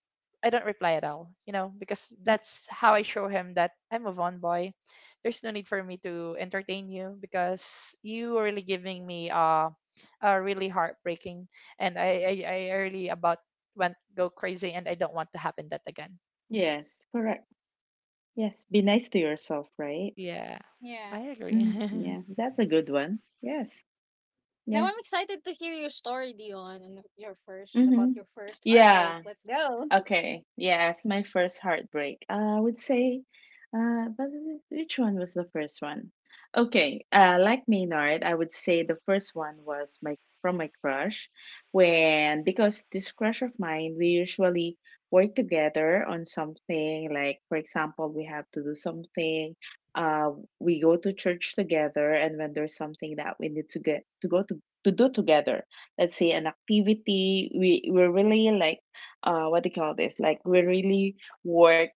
Speaker 2: I don't reply at all. You know, because
Speaker 3: Mhm.
Speaker 2: that's
Speaker 3: Yeah.
Speaker 2: how I show him that I move on, boy. There's no need for me to entertain you because you are really giving me uh, uh really heartbreaking, and I, I, I really about went go crazy, and I don't want to happen that again.
Speaker 3: Yes, correct. Yes, be nice to yourself, right?
Speaker 2: Yeah,
Speaker 1: Yeah.
Speaker 2: I agree.
Speaker 3: Mm, yeah, that's a good one. Yes.
Speaker 1: Now
Speaker 3: Yeah.
Speaker 1: I'm excited to hear your story, Dion, and your first about
Speaker 3: Mhm.
Speaker 1: your first heartbreak.
Speaker 3: Yeah.
Speaker 1: Let's go.
Speaker 3: Okay, yes, my first heartbreak. Uh, I would say, uh, but which one was the first one? Okay, uh, like Maynard, I would say the first one was my from my crush, when, because this crush of mine, we usually work together on something. Like for example, we have to do something. Uh, we go to church together, and when there's something that we need to get to go to to do together, let's say an activity, we we're really like, uh, what do you call this, like, we really work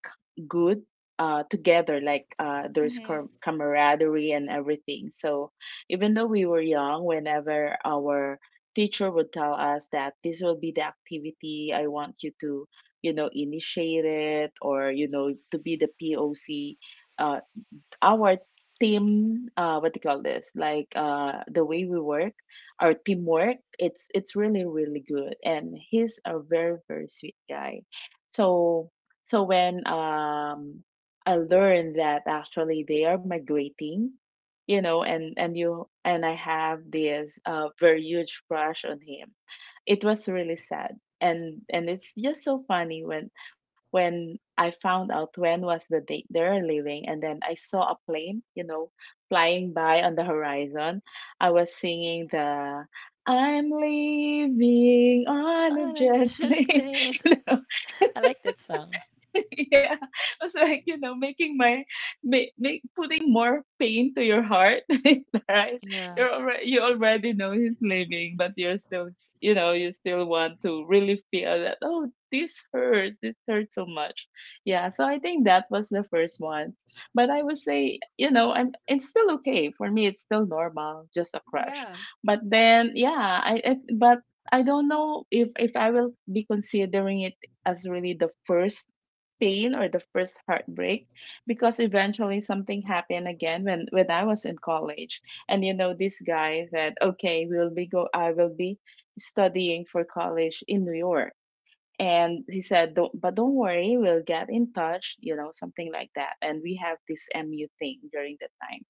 Speaker 3: good uh, together, like, uh, there's com-
Speaker 1: Hmm.
Speaker 3: camaraderie and everything. So even though we were young, whenever our teacher would tell us that this will be the activity, I want you to, you know, initiate it, or, you know, to be the P O C. Uh, our team, uh, what do you call this, like, uh, the way we work, our teamwork, it's it's really really good, and he's a very very sweet guy. So, so when um I learned that actually they are migrating, you know, and and you, and I have this, uh, very huge crush on him, it was really sad. and and it's just so funny when when I found out when was the date they're leaving, and then I saw a plane, you know, flying by on the horizon. I was singing the, I'm leaving on a
Speaker 2: Orange
Speaker 3: jet
Speaker 2: Head
Speaker 3: plane.
Speaker 2: Plane. I like that song.
Speaker 3: Yeah, I was like, you know, making my, make, make, putting more pain to your heart, right?
Speaker 2: Yeah,
Speaker 3: You're already, you already know he's leaving, but you're still, you know, you still want to really feel that. Oh, this hurt. This hurt so much. Yeah. So I think that was the first one, but I would say, you know, I'm, it's still okay for me. It's still normal, just a crush.
Speaker 1: Yeah.
Speaker 3: But then, yeah, I, I but. I don't know if if I will be considering it as really the first pain or the first heartbreak because eventually something happened again when when I was in college. And you know, this guy said, okay, we will be go I will be studying for college in New York. And he said don't, but don't worry, we'll get in touch, you know, something like that, and we have this M U thing during the time.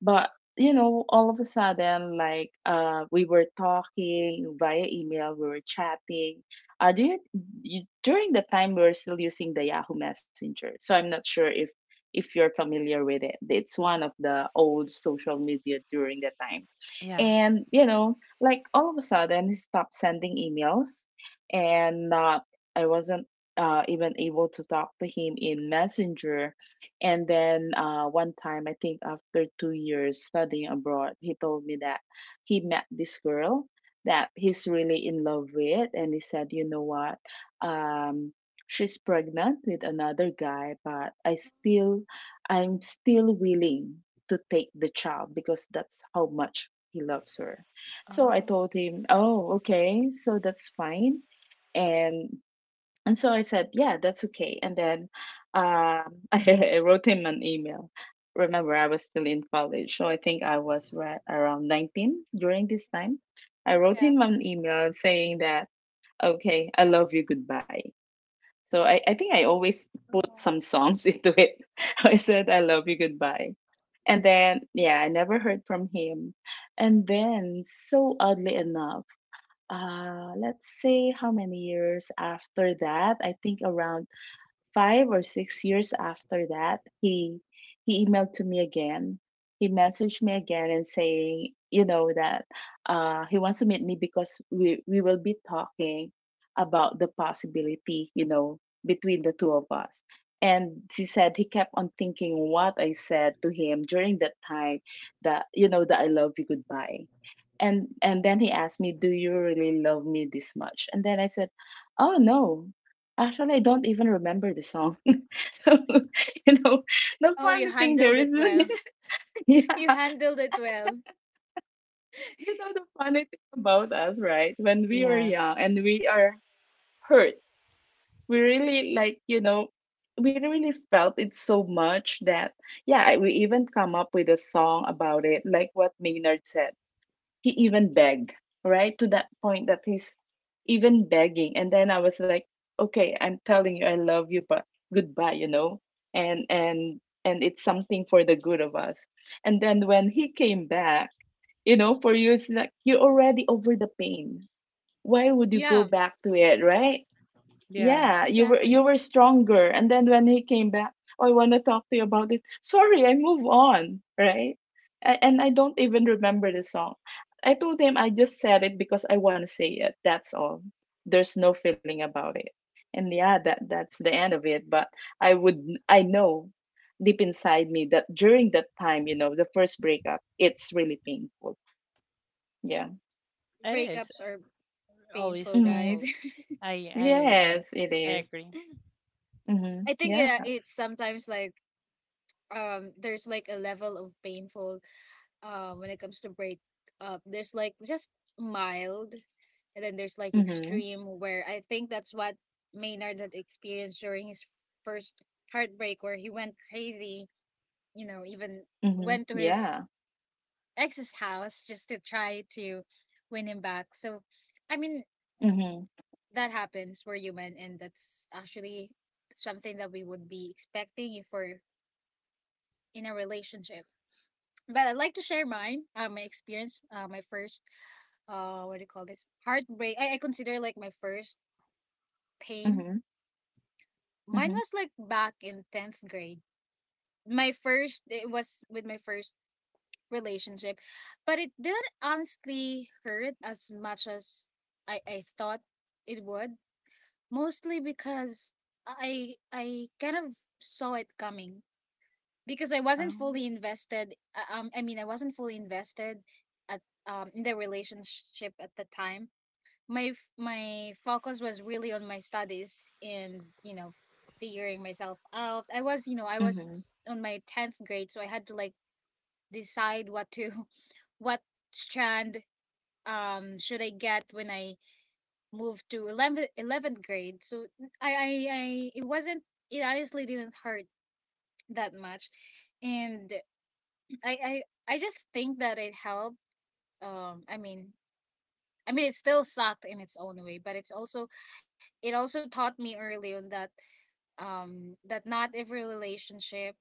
Speaker 3: But you know, all of a sudden, like uh, we were talking via email, we were chatting. Uh, do you, you during the time, we were still using the Yahoo Messenger, so I'm not sure if if you're familiar with it. It's one of the old social media during the time,
Speaker 2: yeah.
Speaker 3: and you know, like all of a sudden, he stopped sending emails, and not I wasn't uh, even able to talk to him in Messenger. And then uh, one time, I think after two years studying abroad, he told me that he met this girl that he's really in love with. And he said, you know what? Um, she's pregnant with another guy, but I still, I'm still willing to take the child because that's how much he loves her. So I
Speaker 2: Oh,
Speaker 3: told him,
Speaker 1: Mhm.
Speaker 3: oh, okay, so that's fine. And and so I said, yeah, that's okay. And then um, I wrote him an email. Remember, I was still in college. So I think I was ra- around nineteen during this time. I wrote
Speaker 1: Yeah.
Speaker 3: him an email saying that, okay, I love you, goodbye. So I, I think I always put
Speaker 1: Yeah.
Speaker 3: some songs into it. I said, I love you, goodbye. And then, yeah, I never heard from him. And then, so oddly enough, uh, let's say how many years after that? I think around five or six years after that, he he emailed to me again. He messaged me again and saying, you know, that uh, he wants to meet me because we we will be talking about the possibility, you know, between the two of us. And he said he kept on thinking what I said to him during that time, that you know, that I love you goodbye. And and then he asked me, "Do you really love me this much?" And then I said, "Oh no, actually, I don't even remember the song." So, you know, the
Speaker 1: Oh, you
Speaker 3: funny thing there
Speaker 1: handled
Speaker 3: is,
Speaker 1: it well.
Speaker 3: yeah,
Speaker 1: You handled it well.
Speaker 3: you know, the funny thing about us, right? When we were
Speaker 2: yeah,
Speaker 3: young and we are hurt, we really like, you know, we really felt it so much that, yeah, I- we even come up with a song about it, like what Maynard said. He even begged, right? To that point that he's even begging. And then I was like, okay, I'm telling you I love you, but goodbye, you know? And and and it's something for the good of us. And then when he came back, you know, for you it's like you're already over the pain. Why would you go
Speaker 1: Yeah,
Speaker 3: back to it, right?
Speaker 2: yeah.
Speaker 3: Yeah, you were you
Speaker 1: exactly.
Speaker 3: were stronger. And then when he came back, oh, I want to talk to you about it. Sorry, I move on, right? A- And I don't even remember the song. I told him I just said it because I want to say it. That's all. There's no feeling about it. And yeah, that that's the end of it. But I would I know deep inside me that during that time, you know, the first breakup, it's really painful. Yeah.
Speaker 2: It is
Speaker 1: Breakups are
Speaker 2: always
Speaker 1: painful,
Speaker 3: Mm-hmm.
Speaker 1: guys.
Speaker 2: painful. I, I, I,
Speaker 3: Yes, it
Speaker 2: I
Speaker 3: is.
Speaker 2: agree.
Speaker 3: Mm-hmm.
Speaker 1: I think
Speaker 3: Yeah.
Speaker 1: yeah, it's sometimes like um there's like a level of painful uh, when it comes to break up, there's like just mild, and then there's like
Speaker 3: Mm-hmm.
Speaker 1: extreme, where I think that's what Maynard had experienced during his first heartbreak, where he went crazy, you know, even
Speaker 3: Mm-hmm.
Speaker 1: went to
Speaker 3: Yeah.
Speaker 1: his ex's house just to try to win him back. So I mean,
Speaker 3: Mhm,
Speaker 1: that happens. We're human, and that's actually something that we would be expecting if we're in a relationship. But I'd like to share mine, uh, my experience, uh, my first, uh, what do you call this? Heartbreak. I, I consider like my first
Speaker 3: mhm,
Speaker 1: pain.
Speaker 3: mhm,
Speaker 1: Mine was like back in tenth grade. My first, it was with my first relationship, but it didn't honestly hurt as much as I, I thought it would, mostly because I I kind of saw it coming because I wasn't
Speaker 2: Um,
Speaker 1: fully invested. uh, Um, I mean, I wasn't fully invested at um in the relationship at the time. My f- my focus was really on my studies, and you know, figuring myself out. I was, you know, I was
Speaker 3: mhm,
Speaker 1: on my tenth grade, so I had to like decide what to what strand um should I get when I moved to eleventh, eleventh grade. So I I I it wasn't, it honestly didn't hurt that much. And I I I just think that it helped. Um, I mean, I mean, it still sucked in its own way, but it's also, it also taught me early on that um that not every relationship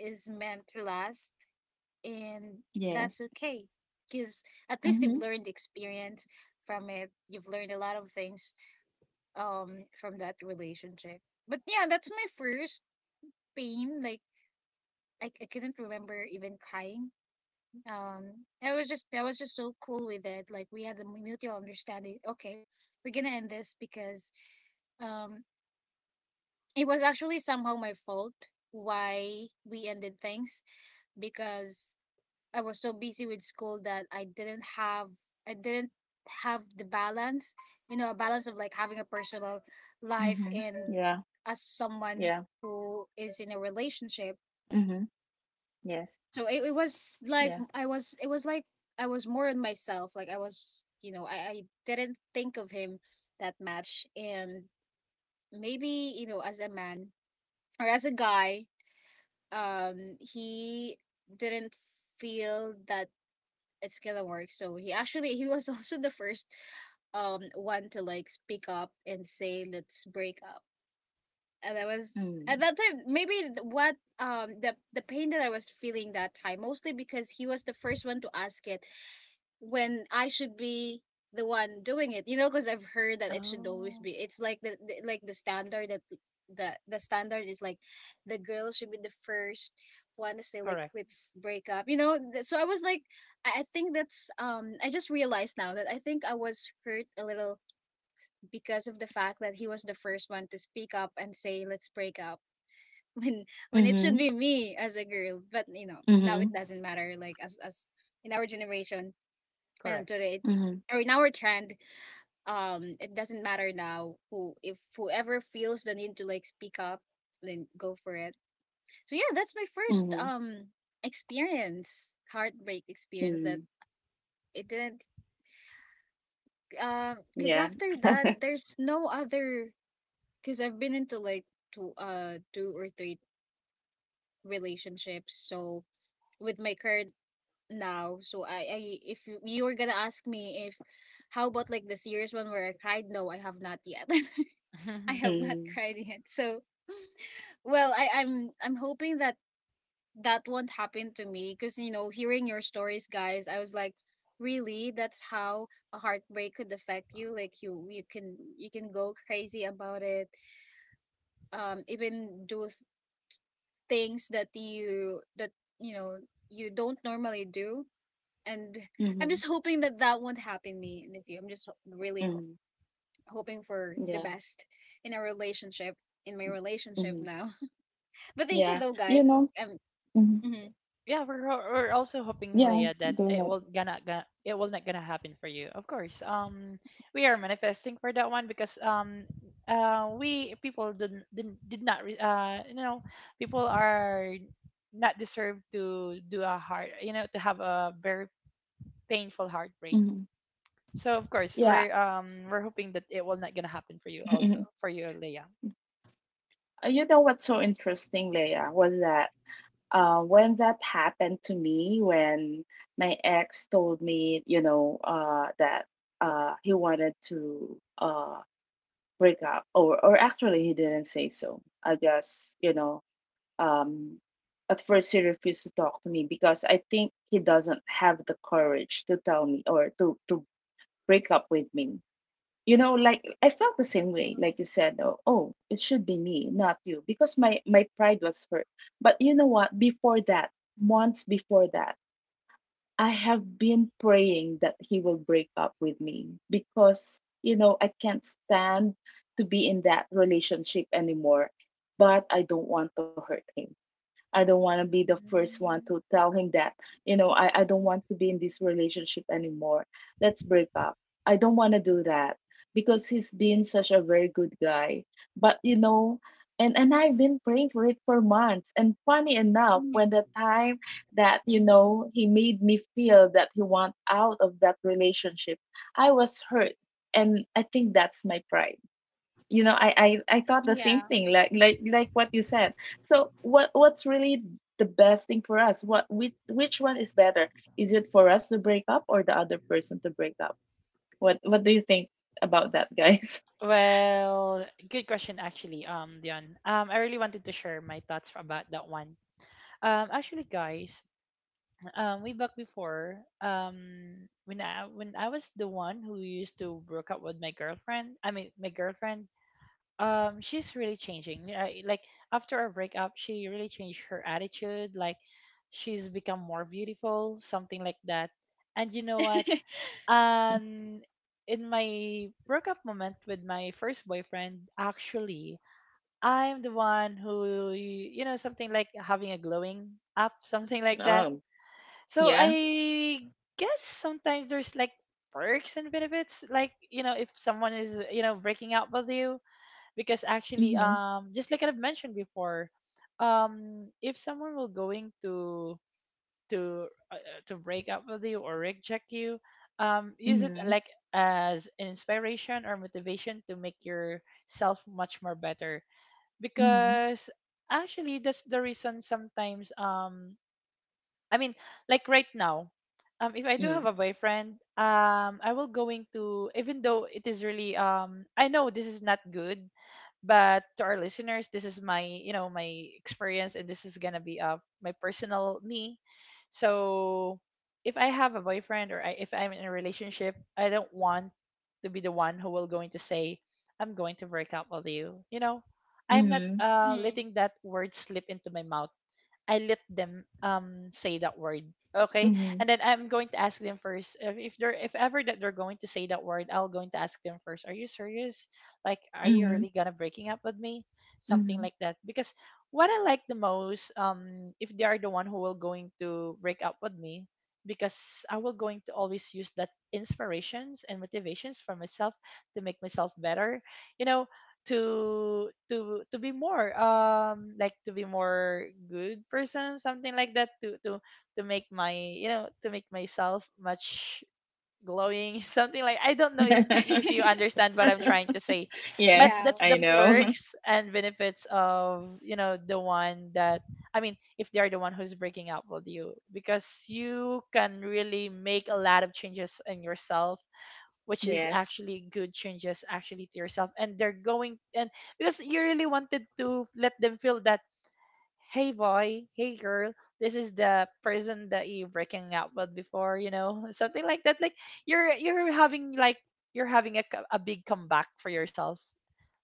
Speaker 1: is meant to last, and
Speaker 3: yes,
Speaker 1: that's okay. Because at least
Speaker 3: mhm,
Speaker 1: you've learned experience from it. You've learned a lot of things um from that relationship. But yeah, that's my first pain. Like I, I couldn't remember even crying. Um, I was just, that was just so cool with it. Like we had the mutual understanding. Okay, we're gonna end this because um it was actually somehow my fault why we ended things, because I was so busy with school that I didn't have, I didn't have the balance, you know, a balance of like having a personal life
Speaker 3: mhm,
Speaker 1: and
Speaker 3: yeah,
Speaker 1: as someone
Speaker 3: yeah,
Speaker 1: who is in a relationship.
Speaker 3: mhm, yes,
Speaker 1: So it, it was
Speaker 3: yeah,
Speaker 1: like I was, it was like I was more in myself. Like I was, you know, i, I didn't think of him that much. And maybe, you know, as a man or as a guy, um he didn't feel that it's gonna work, so he actually, he was also the first um one to like speak up and say let's break up. And I was
Speaker 3: mm,
Speaker 1: at that time maybe what, um the the pain that I was feeling that time, mostly because he was the first one to ask it when I should be the one doing it, you know, because I've heard that it should always
Speaker 2: oh,
Speaker 1: be, it's like the, the like the standard, that the the standard is like the girl should be the first one to say like
Speaker 2: correct,
Speaker 1: let's break up, you know. Th- so I was like, I I think that's um I just realized now that I think I was hurt a little because of the fact that he was the first one to speak up and say let's break up when when it
Speaker 3: mhm,
Speaker 1: should be me as a girl. But you know, now it
Speaker 3: mhm,
Speaker 1: doesn't matter, like, as as in our generation and
Speaker 2: correct.
Speaker 1: today,
Speaker 3: mhm,
Speaker 1: or in our trend, um it doesn't matter now who, if whoever feels the need to like speak up, then go for it. So yeah, that's my first
Speaker 3: mhm,
Speaker 1: um experience, heartbreak experience.
Speaker 3: mm,
Speaker 1: That it didn't um because
Speaker 3: yeah,
Speaker 1: after that, there's no other, because I've been into like two uh two or three relationships. So with my current now, so I, I if you you were gonna ask me if how about like the serious one where I cried, no, I have not yet. I have not
Speaker 3: mm,
Speaker 1: cried yet. So well, I, I'm I'm hoping that that won't happen to me because, you know, hearing your stories, guys, I was like, really, that's how a heartbreak could affect you. Like you you can, you can go crazy about it, um even do things that you that you know, you don't normally do. And I'm
Speaker 3: mhm,
Speaker 1: just hoping that that won't happen me in the future. I'm just ho- really ho-
Speaker 3: mhm,
Speaker 1: Hoping for the
Speaker 3: yeah,
Speaker 1: best in a relationship, in my
Speaker 3: mm,
Speaker 1: relationship
Speaker 3: mhm,
Speaker 1: now. But thank you
Speaker 3: yeah,
Speaker 1: though, guys.
Speaker 3: you know,
Speaker 1: um
Speaker 3: mhm,
Speaker 1: mhm,
Speaker 2: Yeah, we're ho- we're also hoping,
Speaker 3: yeah,
Speaker 2: Leah, that
Speaker 3: doing
Speaker 2: it
Speaker 3: it,
Speaker 2: will gonna, gonna it will not gonna happen for you. Of course, um, we are manifesting for that one because um, uh, we people didn't, didn't did not re- uh, you know, people are not deserved to do a heart, you know, to have a very painful heartbreak.
Speaker 3: mhm,
Speaker 2: So of course
Speaker 3: yeah.
Speaker 2: we're um we're hoping that it will not gonna happen for you, also for you, Leah.
Speaker 3: Uh you know what's so interesting, Leia, was that uh, when that happened to me, when my ex told me, you know, uh, that uh, he wanted to uh, break up, or or actually he didn't say so. I just, you know, um, at first he refused to talk to me because I think he doesn't have the courage to tell me or to to break up with me. You know, like I felt the same way,
Speaker 1: Mm,
Speaker 3: like you said, oh, oh it should be me not you, because my my pride was hurt. But you know what, before that, months before that, I have been praying that he will break up with me, because you know I can't stand to be in that relationship anymore, but I don't want to hurt him. I don't want to be the first one to
Speaker 2: Mm.
Speaker 3: tell him that, you know, I, I don't want to be in this relationship anymore. Let's break up. I don't want to do that because he's been such a very good guy. But, you know, and, and I've been praying for it for months. And funny enough,
Speaker 1: mm,
Speaker 3: when the time that, you know, he made me feel that he want out of that relationship, I was hurt. And I think that's my pride. You know I, I i thought the same
Speaker 1: yeah.
Speaker 3: thing, like like like what you said. So what what's really the best thing for us? What which, which one is better? Is it for us to break up or the other person to break up? What what do you think about that, guys?
Speaker 2: Well, good question actually, um, Dion. Um, I really wanted to share my thoughts about that one. Um, actually, guys, um way back before, um when i when i was the one who used to broke up with my girlfriend i mean my girlfriend, um she's really changing. I, like, after our breakup she really changed her attitude, like she's become more beautiful, something like that. And you know what? um in my breakup moment with my first boyfriend, actually, I'm the one who, you know, something like having a glowing up something like that.
Speaker 3: Um.
Speaker 2: So
Speaker 3: Yeah.
Speaker 2: I guess sometimes there's like perks and benefits, like, you know, if someone is, you know, breaking up with you, because actually,
Speaker 3: Mm-hmm.
Speaker 2: um, just like I've mentioned before, um, if someone will going to to uh, uh, to break up with you or reject you, um, use it
Speaker 3: Mm-hmm.
Speaker 2: like as an inspiration or motivation to make yourself much more better,
Speaker 3: Mm-hmm.
Speaker 2: because actually that's the reason sometimes um I mean, like right now, um, if I do have a boyfriend, um, I will going to, even though it is really um, I know this is not good, but to our listeners, this is my, you know, my experience, and this is gonna be uh my personal me. So if I have a boyfriend, or I, if I'm in a relationship, I don't want to be the one who will going to say I'm going to break up with you. You know, I'm not
Speaker 3: Mm.
Speaker 2: uh
Speaker 1: Mm.
Speaker 2: letting that word slip into my mouth. I let them um say that word. Okay,
Speaker 3: Mm-hmm. Mm-hmm.
Speaker 2: and then I'm going to ask them first if, if they're, if ever that they're going to say that word, I'll going to ask them first. Are you serious? Like, are you
Speaker 3: Mm-hmm.
Speaker 2: really gonna breaking up with me? Something
Speaker 3: Mm-hmm.
Speaker 2: like that. Because what I like the most, um, if they are the one who will going to break up with me, because I will going to always use that inspirations and motivations for myself to make myself better. You know, to to to be more um like to be more good person something like that to to to make my you know to make myself much glowing something like I don't know if y- if you understand what I'm trying to say
Speaker 3: Yes,
Speaker 2: but
Speaker 1: Yeah,
Speaker 2: that's
Speaker 3: I
Speaker 2: the
Speaker 1: we get
Speaker 3: know.
Speaker 1: you.
Speaker 2: perks and benefits of you know the one that I mean if they're the one who's breaking up with you because you can really make a lot of changes in yourself which is
Speaker 3: Yes.
Speaker 2: actually good changes actually to yourself and they're going and because you really wanted to let them feel that hey boy, hey girl, this is the person that you breaking up with before you know something like that like you're you're having like you're having a, co- a big comeback for yourself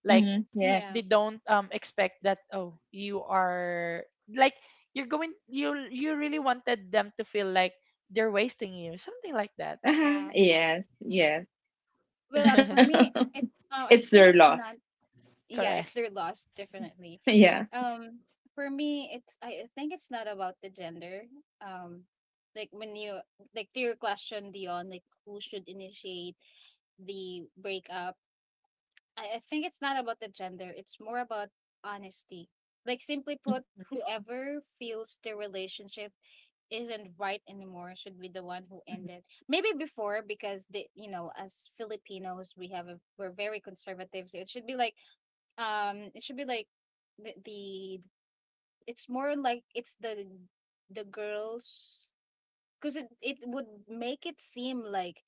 Speaker 2: like
Speaker 3: Hmm. Yes.
Speaker 1: Yeah.
Speaker 2: they don't um expect that oh you are like you're going you you really wanted them to feel like they're wasting you something like that.
Speaker 3: Uh-huh.
Speaker 1: Yeah,
Speaker 3: Yes. Yes.
Speaker 1: well, up for me it, uh, I
Speaker 3: It's
Speaker 1: think
Speaker 3: their
Speaker 1: it's not,
Speaker 3: loss.
Speaker 1: yeah, it's
Speaker 2: Correct.
Speaker 1: their loss definitely.
Speaker 3: Yeah.
Speaker 1: Um, for me, it's, I I think it's not about the gender. Um, like when you, like to your question, Dion, like who should initiate the breakup? I, I think it's not about the gender. It's more about honesty. Like simply put,
Speaker 3: Mhm.
Speaker 1: whoever feels the relationship isn't right anymore should be the one who ended. Maybe before, because, the you know, as Filipinos we have a, we're very conservative, so it should be like um it should be like the, the it's more like it's the the girls, because it, it would make it seem like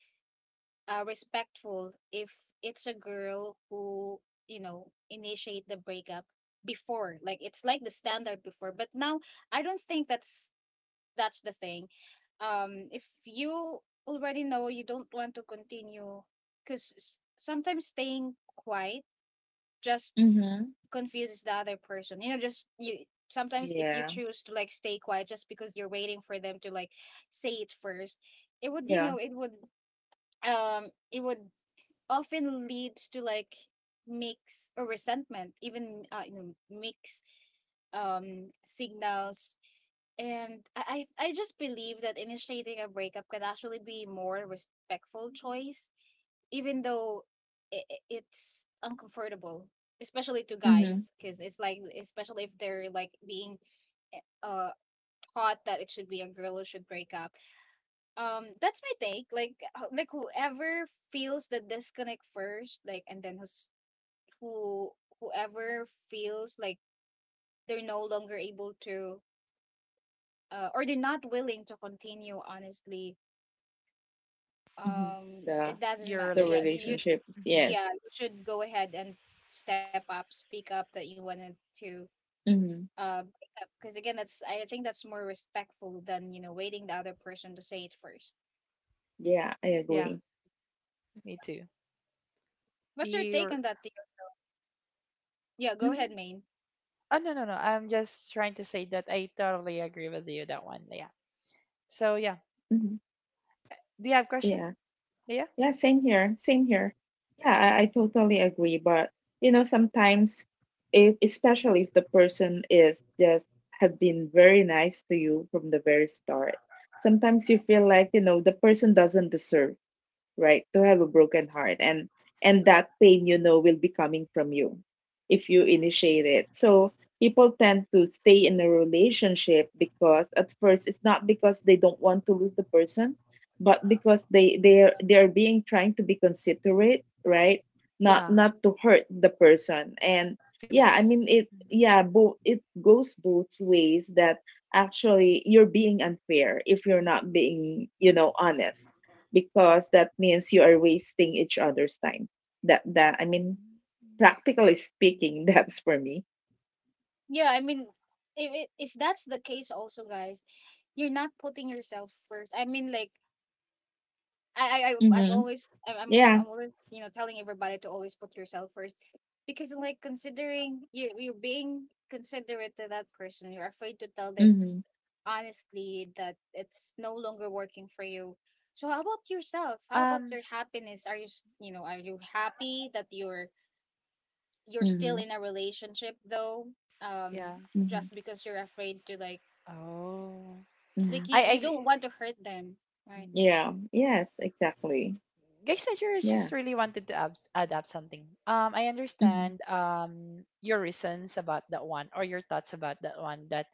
Speaker 1: uh respectful if it's a girl who, you know, initiate the breakup before, like it's like the standard before, but now I don't think that's that's the thing. Um if you already know you don't want to continue, because sometimes staying quiet just
Speaker 3: Mhm.
Speaker 1: confuses the other person. You know, just you sometimes, if you
Speaker 3: Yeah,
Speaker 1: choose to like stay quiet just because you're waiting for them to like say it first, it would, you know,
Speaker 3: yeah.
Speaker 1: it would um it would often leads to like mix or resentment, even uh, you know, mix um signals. And I, I I just believe that initiating a breakup can actually be more respectful choice, even though i i- it's uncomfortable, especially to guys,
Speaker 3: Mhm.
Speaker 1: because it's like, especially if they're like being eh, uh taught that it should be a girl who should break up. Um that's my take, like uh, like whoever feels the disconnect first, like and then who's who whoever feels like they're no longer able to, uh, or they're not willing to continue honestly,
Speaker 3: Mhm.
Speaker 1: um it
Speaker 3: The
Speaker 1: doesn't
Speaker 2: Your
Speaker 1: matter.
Speaker 3: the
Speaker 1: Yeah, you,
Speaker 2: relationship?
Speaker 3: relationship.
Speaker 2: Hmm.
Speaker 1: yeah,
Speaker 3: Yes.
Speaker 1: you should go ahead and step up, speak up that you wanted to
Speaker 3: Mhm.
Speaker 1: uh break up. Because again, that's, I think that's more respectful than, you know, waiting the other person to say it first.
Speaker 3: Yeah, I
Speaker 2: Yeah,
Speaker 3: agree.
Speaker 2: me too.
Speaker 1: What's your take
Speaker 2: Your
Speaker 1: on that, Theo? Yeah, go ahead,
Speaker 3: Mhm.
Speaker 1: Maine.
Speaker 2: oh, no, no, no. I'm just trying to say that I totally agree with you that one. Yeah. So yeah.
Speaker 3: Mhm.
Speaker 2: Do you have question?
Speaker 3: Yeah.
Speaker 2: Yeah.
Speaker 3: Yeah, same here. Same here. Yeah, I, I totally agree. But you know, sometimes if especially if the person is just have been very nice to you from the very start, sometimes you feel like, you know, the person doesn't deserve right to have a broken heart. And and that pain, you know, will be coming from you if you initiate it. So people tend to stay in a relationship because at first it's not because they don't want to lose the person, but because they they're they're being trying to be considerate, right? not
Speaker 2: Yeah.
Speaker 3: not
Speaker 1: Mhm.
Speaker 3: to hurt the person. And yeah i
Speaker 2: Feelings.
Speaker 3: mean it
Speaker 2: mm
Speaker 3: yeah, both, it goes both ways. That Actually, you're being unfair if you're not being, you know, honest, because that means you are wasting each other's time. That that I mean, practically speaking, that's for me.
Speaker 1: Yeah, I mean, if it, if that's the case, also, guys, you're not putting yourself first. I mean, like, I, I I- I've
Speaker 3: Mm-hmm.
Speaker 1: always I'm I'm
Speaker 3: Yeah.
Speaker 1: I'm always, you know, telling everybody to always put yourself first, because like, considering, you you're being considerate to that person, you're afraid to tell them
Speaker 3: Mm-hmm.
Speaker 1: honestly that it's no longer working for you. So how about yourself? How about
Speaker 2: Um.
Speaker 1: your happiness? Are you s- you know, are you happy that you're you're still
Speaker 3: Mm-hmm.
Speaker 1: in a relationship though? Um,
Speaker 2: Yeah.
Speaker 3: Mm-hmm.
Speaker 1: just because you're afraid to like
Speaker 2: Oh.
Speaker 1: like
Speaker 3: Mm-hmm.
Speaker 1: you
Speaker 2: I
Speaker 1: you
Speaker 2: I
Speaker 1: don't want to hurt them, right?
Speaker 2: Mm.
Speaker 3: Yeah. Yes. Exactly.
Speaker 2: Guys, I ju-
Speaker 3: Yeah.
Speaker 2: just really wanted to abs- add up something. Um, I
Speaker 3: Mm-hmm.
Speaker 2: understand um your reasons about that one or your thoughts about that one. That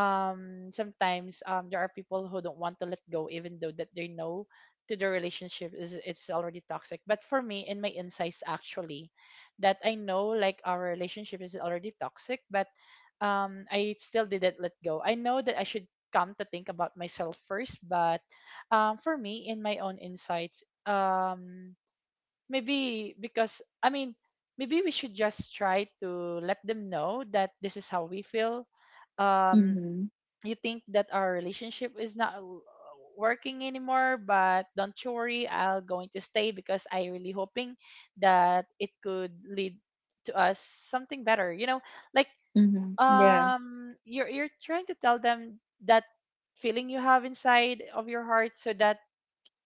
Speaker 2: um sometimes um there are people who don't want to let go even though that they know to the relationship is it's already toxic. But for me, in my insights actually, that I know like our relationship is already toxic, but um I still didn't let go. I know that I should come to think about myself first, but um, for me in my own insights um maybe because i mean maybe we should just try to let them know that this is how we feel. um
Speaker 3: Mm-hmm.
Speaker 2: you think that our relationship is not w- working anymore, but don't you worry, I'll going to stay because I really hoping that it could lead to us something better, you know, like
Speaker 3: Mm-hmm. Yeah.
Speaker 2: um you're you're trying to tell them that feeling you have inside of your heart so that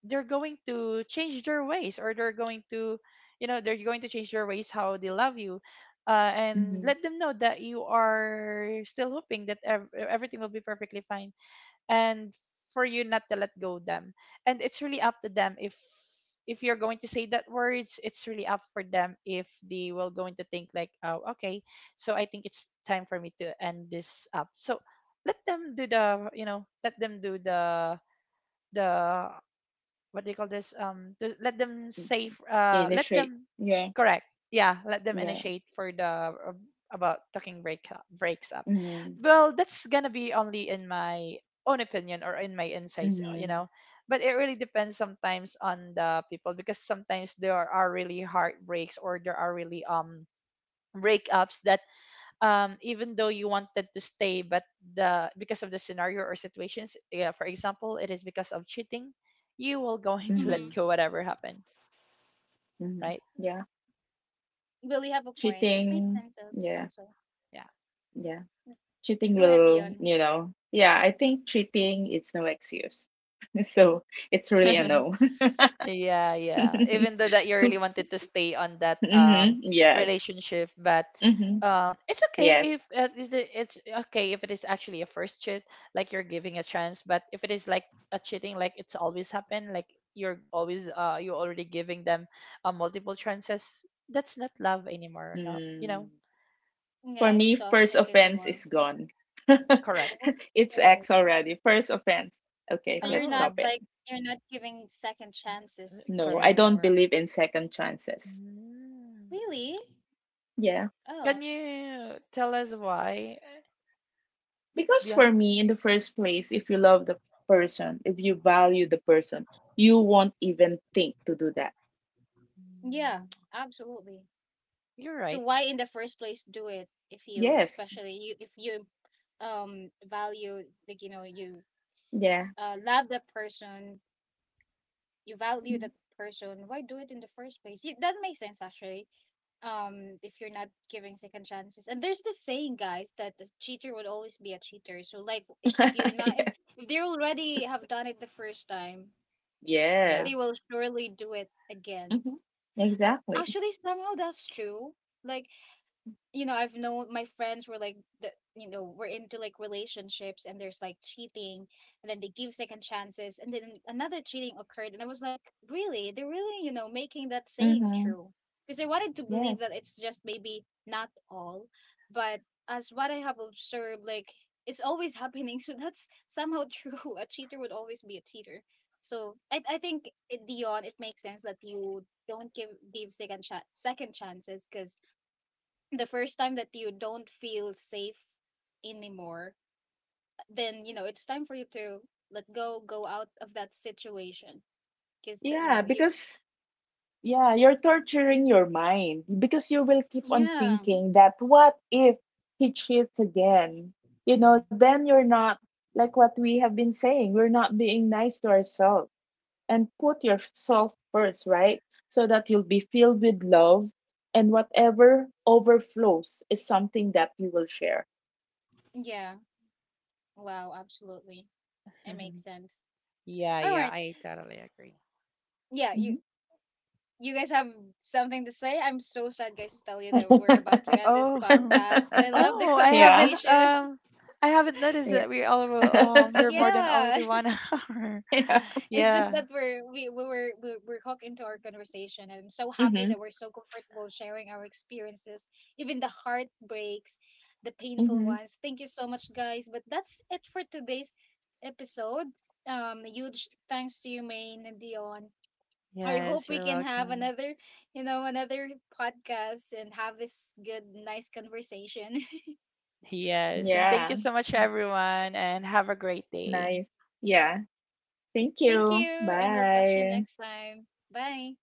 Speaker 2: they're going to change their ways or they're going to you know they're going to change their ways how they love you. Uh, and
Speaker 3: Mm-hmm.
Speaker 2: let them know that you are still hoping that ev- everything will be perfectly fine and for you not to let go them, and it's really up to them if if you're going to say that words, it's really up for them if they will going to think like oh, okay, so I think it's time for me to end this up, so let them do the you know let them do the the what do you call this, um to let them save uh let
Speaker 3: Illustrate.
Speaker 2: them
Speaker 3: Yeah.
Speaker 2: correct, yeah, let them
Speaker 3: Yeah.
Speaker 2: initiate for the uh, about talking break breaks up.
Speaker 3: Mm-hmm.
Speaker 2: Well, that's gonna be only in my own opinion or in my insights, uh, you
Speaker 3: Mm-hmm.
Speaker 2: know, but it really depends sometimes on the people because sometimes there are really heartbreaks or there are really um breakups that um, even though you wanted to stay, but the because of the scenario or situations, yeah, for example, it is because of cheating, you will going to let
Speaker 3: Mm-hmm.
Speaker 1: Mm-hmm.
Speaker 2: go whatever happened,
Speaker 3: Mm-hmm.
Speaker 2: right?
Speaker 3: Yeah.
Speaker 1: Will you have a point? It makes
Speaker 3: Cheating.
Speaker 1: sense, al-
Speaker 3: Yeah.
Speaker 1: also.
Speaker 2: Yeah.
Speaker 3: Yeah. Cheating
Speaker 1: Go ahead,
Speaker 3: will,
Speaker 1: Dion.
Speaker 3: you know, yeah, I think cheating it's no excuse. So it's really a no.
Speaker 2: Yeah, yeah. Even though that you really wanted to stay on that
Speaker 3: Mm-hmm.
Speaker 2: um
Speaker 3: Yes.
Speaker 2: relationship, but
Speaker 3: Hmm.
Speaker 2: um it's okay
Speaker 3: Yes.
Speaker 2: if uh, it- it- it's okay if it is actually a first cheat, like you're giving a chance, but if it is like a cheating like it's always happened, like you're always uh you're already giving them uh, multiple chances, that's not love anymore. No, you
Speaker 3: Mm.
Speaker 2: know,
Speaker 1: Yeah,
Speaker 3: For
Speaker 1: it's
Speaker 3: me, first
Speaker 1: toxic
Speaker 3: offense
Speaker 1: anymore.
Speaker 3: is gone.
Speaker 2: correct.
Speaker 3: It's
Speaker 1: Oh,
Speaker 3: X already. First offense. Okay,
Speaker 1: so you're
Speaker 3: let's
Speaker 1: not
Speaker 3: stop
Speaker 2: Oh,
Speaker 3: it.
Speaker 1: like, you're not giving second chances
Speaker 3: No, I
Speaker 2: correct.
Speaker 3: don't
Speaker 1: anymore.
Speaker 3: believe in second chances.
Speaker 2: Mm.
Speaker 1: Really?
Speaker 3: Yeah.
Speaker 1: Oh.
Speaker 2: Can you tell us why,
Speaker 3: Because for
Speaker 2: Dion?
Speaker 3: me, in the first place, if you love the person, if you value the person, you won't even think to do that.
Speaker 1: Yeah,
Speaker 2: Mm.
Speaker 1: absolutely.
Speaker 2: You're
Speaker 1: So
Speaker 2: right.
Speaker 1: why in the first place do it if you,
Speaker 3: Yes.
Speaker 1: especially you, if you um value, like you know, you
Speaker 3: Yeah.
Speaker 1: uh love that person, you value that person, why do it in the first place? You, that makes sense actually. Um if you're not giving second chances. And there's this saying, guys, that the cheater would always be a cheater. So like, if you're not if
Speaker 3: Yeah.
Speaker 1: if they already have done it the first time,
Speaker 2: Yeah.
Speaker 1: they
Speaker 3: Yes.
Speaker 1: will surely do it again.
Speaker 3: Mhm.
Speaker 1: A-
Speaker 3: Exactly.
Speaker 1: Actually somehow that's true. Like, you know, I've known my friends were like, the you know, were into like relationships, and there's like cheating, and then they give second chances, and then another cheating occurred, and I was like, really? They're really, you know, making that saying
Speaker 3: Mhm.
Speaker 1: true. Because I wanted to believe
Speaker 3: Yes.
Speaker 1: that it's just maybe not all, but as what I have observed, like it's always happening. So that's somehow true. A cheater would always be a cheater. So I, I think it, Dion, it makes sense that you don't give give second cha- second chances, because the first time that you don't feel safe anymore, then you know it's time for you to let go, go out of that situation. Because that, you
Speaker 3: Yeah,
Speaker 1: know, you,
Speaker 3: because yeah, you're torturing your mind because you will keep on
Speaker 1: yeah,
Speaker 3: thinking, that what if he cheats again? You know,
Speaker 2: Mm.
Speaker 3: then you're not like what we have been saying. We're not being nice to ourselves and put yourself first, right? So that you'll be filled with love and whatever overflows is something that you will share.
Speaker 1: yeah, wow, absolutely, it makes sense.
Speaker 2: Yeah,
Speaker 1: All
Speaker 2: yeah,
Speaker 1: right,
Speaker 2: I totally agree.
Speaker 1: yeah, you
Speaker 3: Mhm.
Speaker 1: you guys have something to say? I'm so sad, guys, to tell you that we're about to end this
Speaker 2: Oh,
Speaker 1: podcast. I love the
Speaker 2: oh, I
Speaker 3: Yeah.
Speaker 2: haven't
Speaker 1: conversation.
Speaker 2: um I haven't noticed
Speaker 3: Yeah.
Speaker 2: that we all um we're more than
Speaker 1: Yeah,
Speaker 2: already one hour.
Speaker 3: Yeah.
Speaker 1: it's just
Speaker 2: Yeah.
Speaker 1: that we're we we were we're, we're hooked into our conversation. I'm so happy
Speaker 3: Mhm.
Speaker 1: that we're so comfortable sharing our experiences, even the heartbreaks, the painful
Speaker 3: Mhm.
Speaker 1: ones. Thank you so much, guys. But that's it for today's episode. Um, huge thanks to you, Maine and Dion. I hope
Speaker 2: Yes,
Speaker 1: we
Speaker 2: you're
Speaker 1: can have
Speaker 2: welcome.
Speaker 1: another, you know, another podcast and have this good, nice conversation.
Speaker 2: Yes, and
Speaker 3: Yeah.
Speaker 2: thank you so much everyone and have a great day.
Speaker 3: Nice. Yeah. Thank
Speaker 1: Thank you,
Speaker 3: you.
Speaker 1: and we'll catch you
Speaker 3: Bye.
Speaker 1: next time. Bye.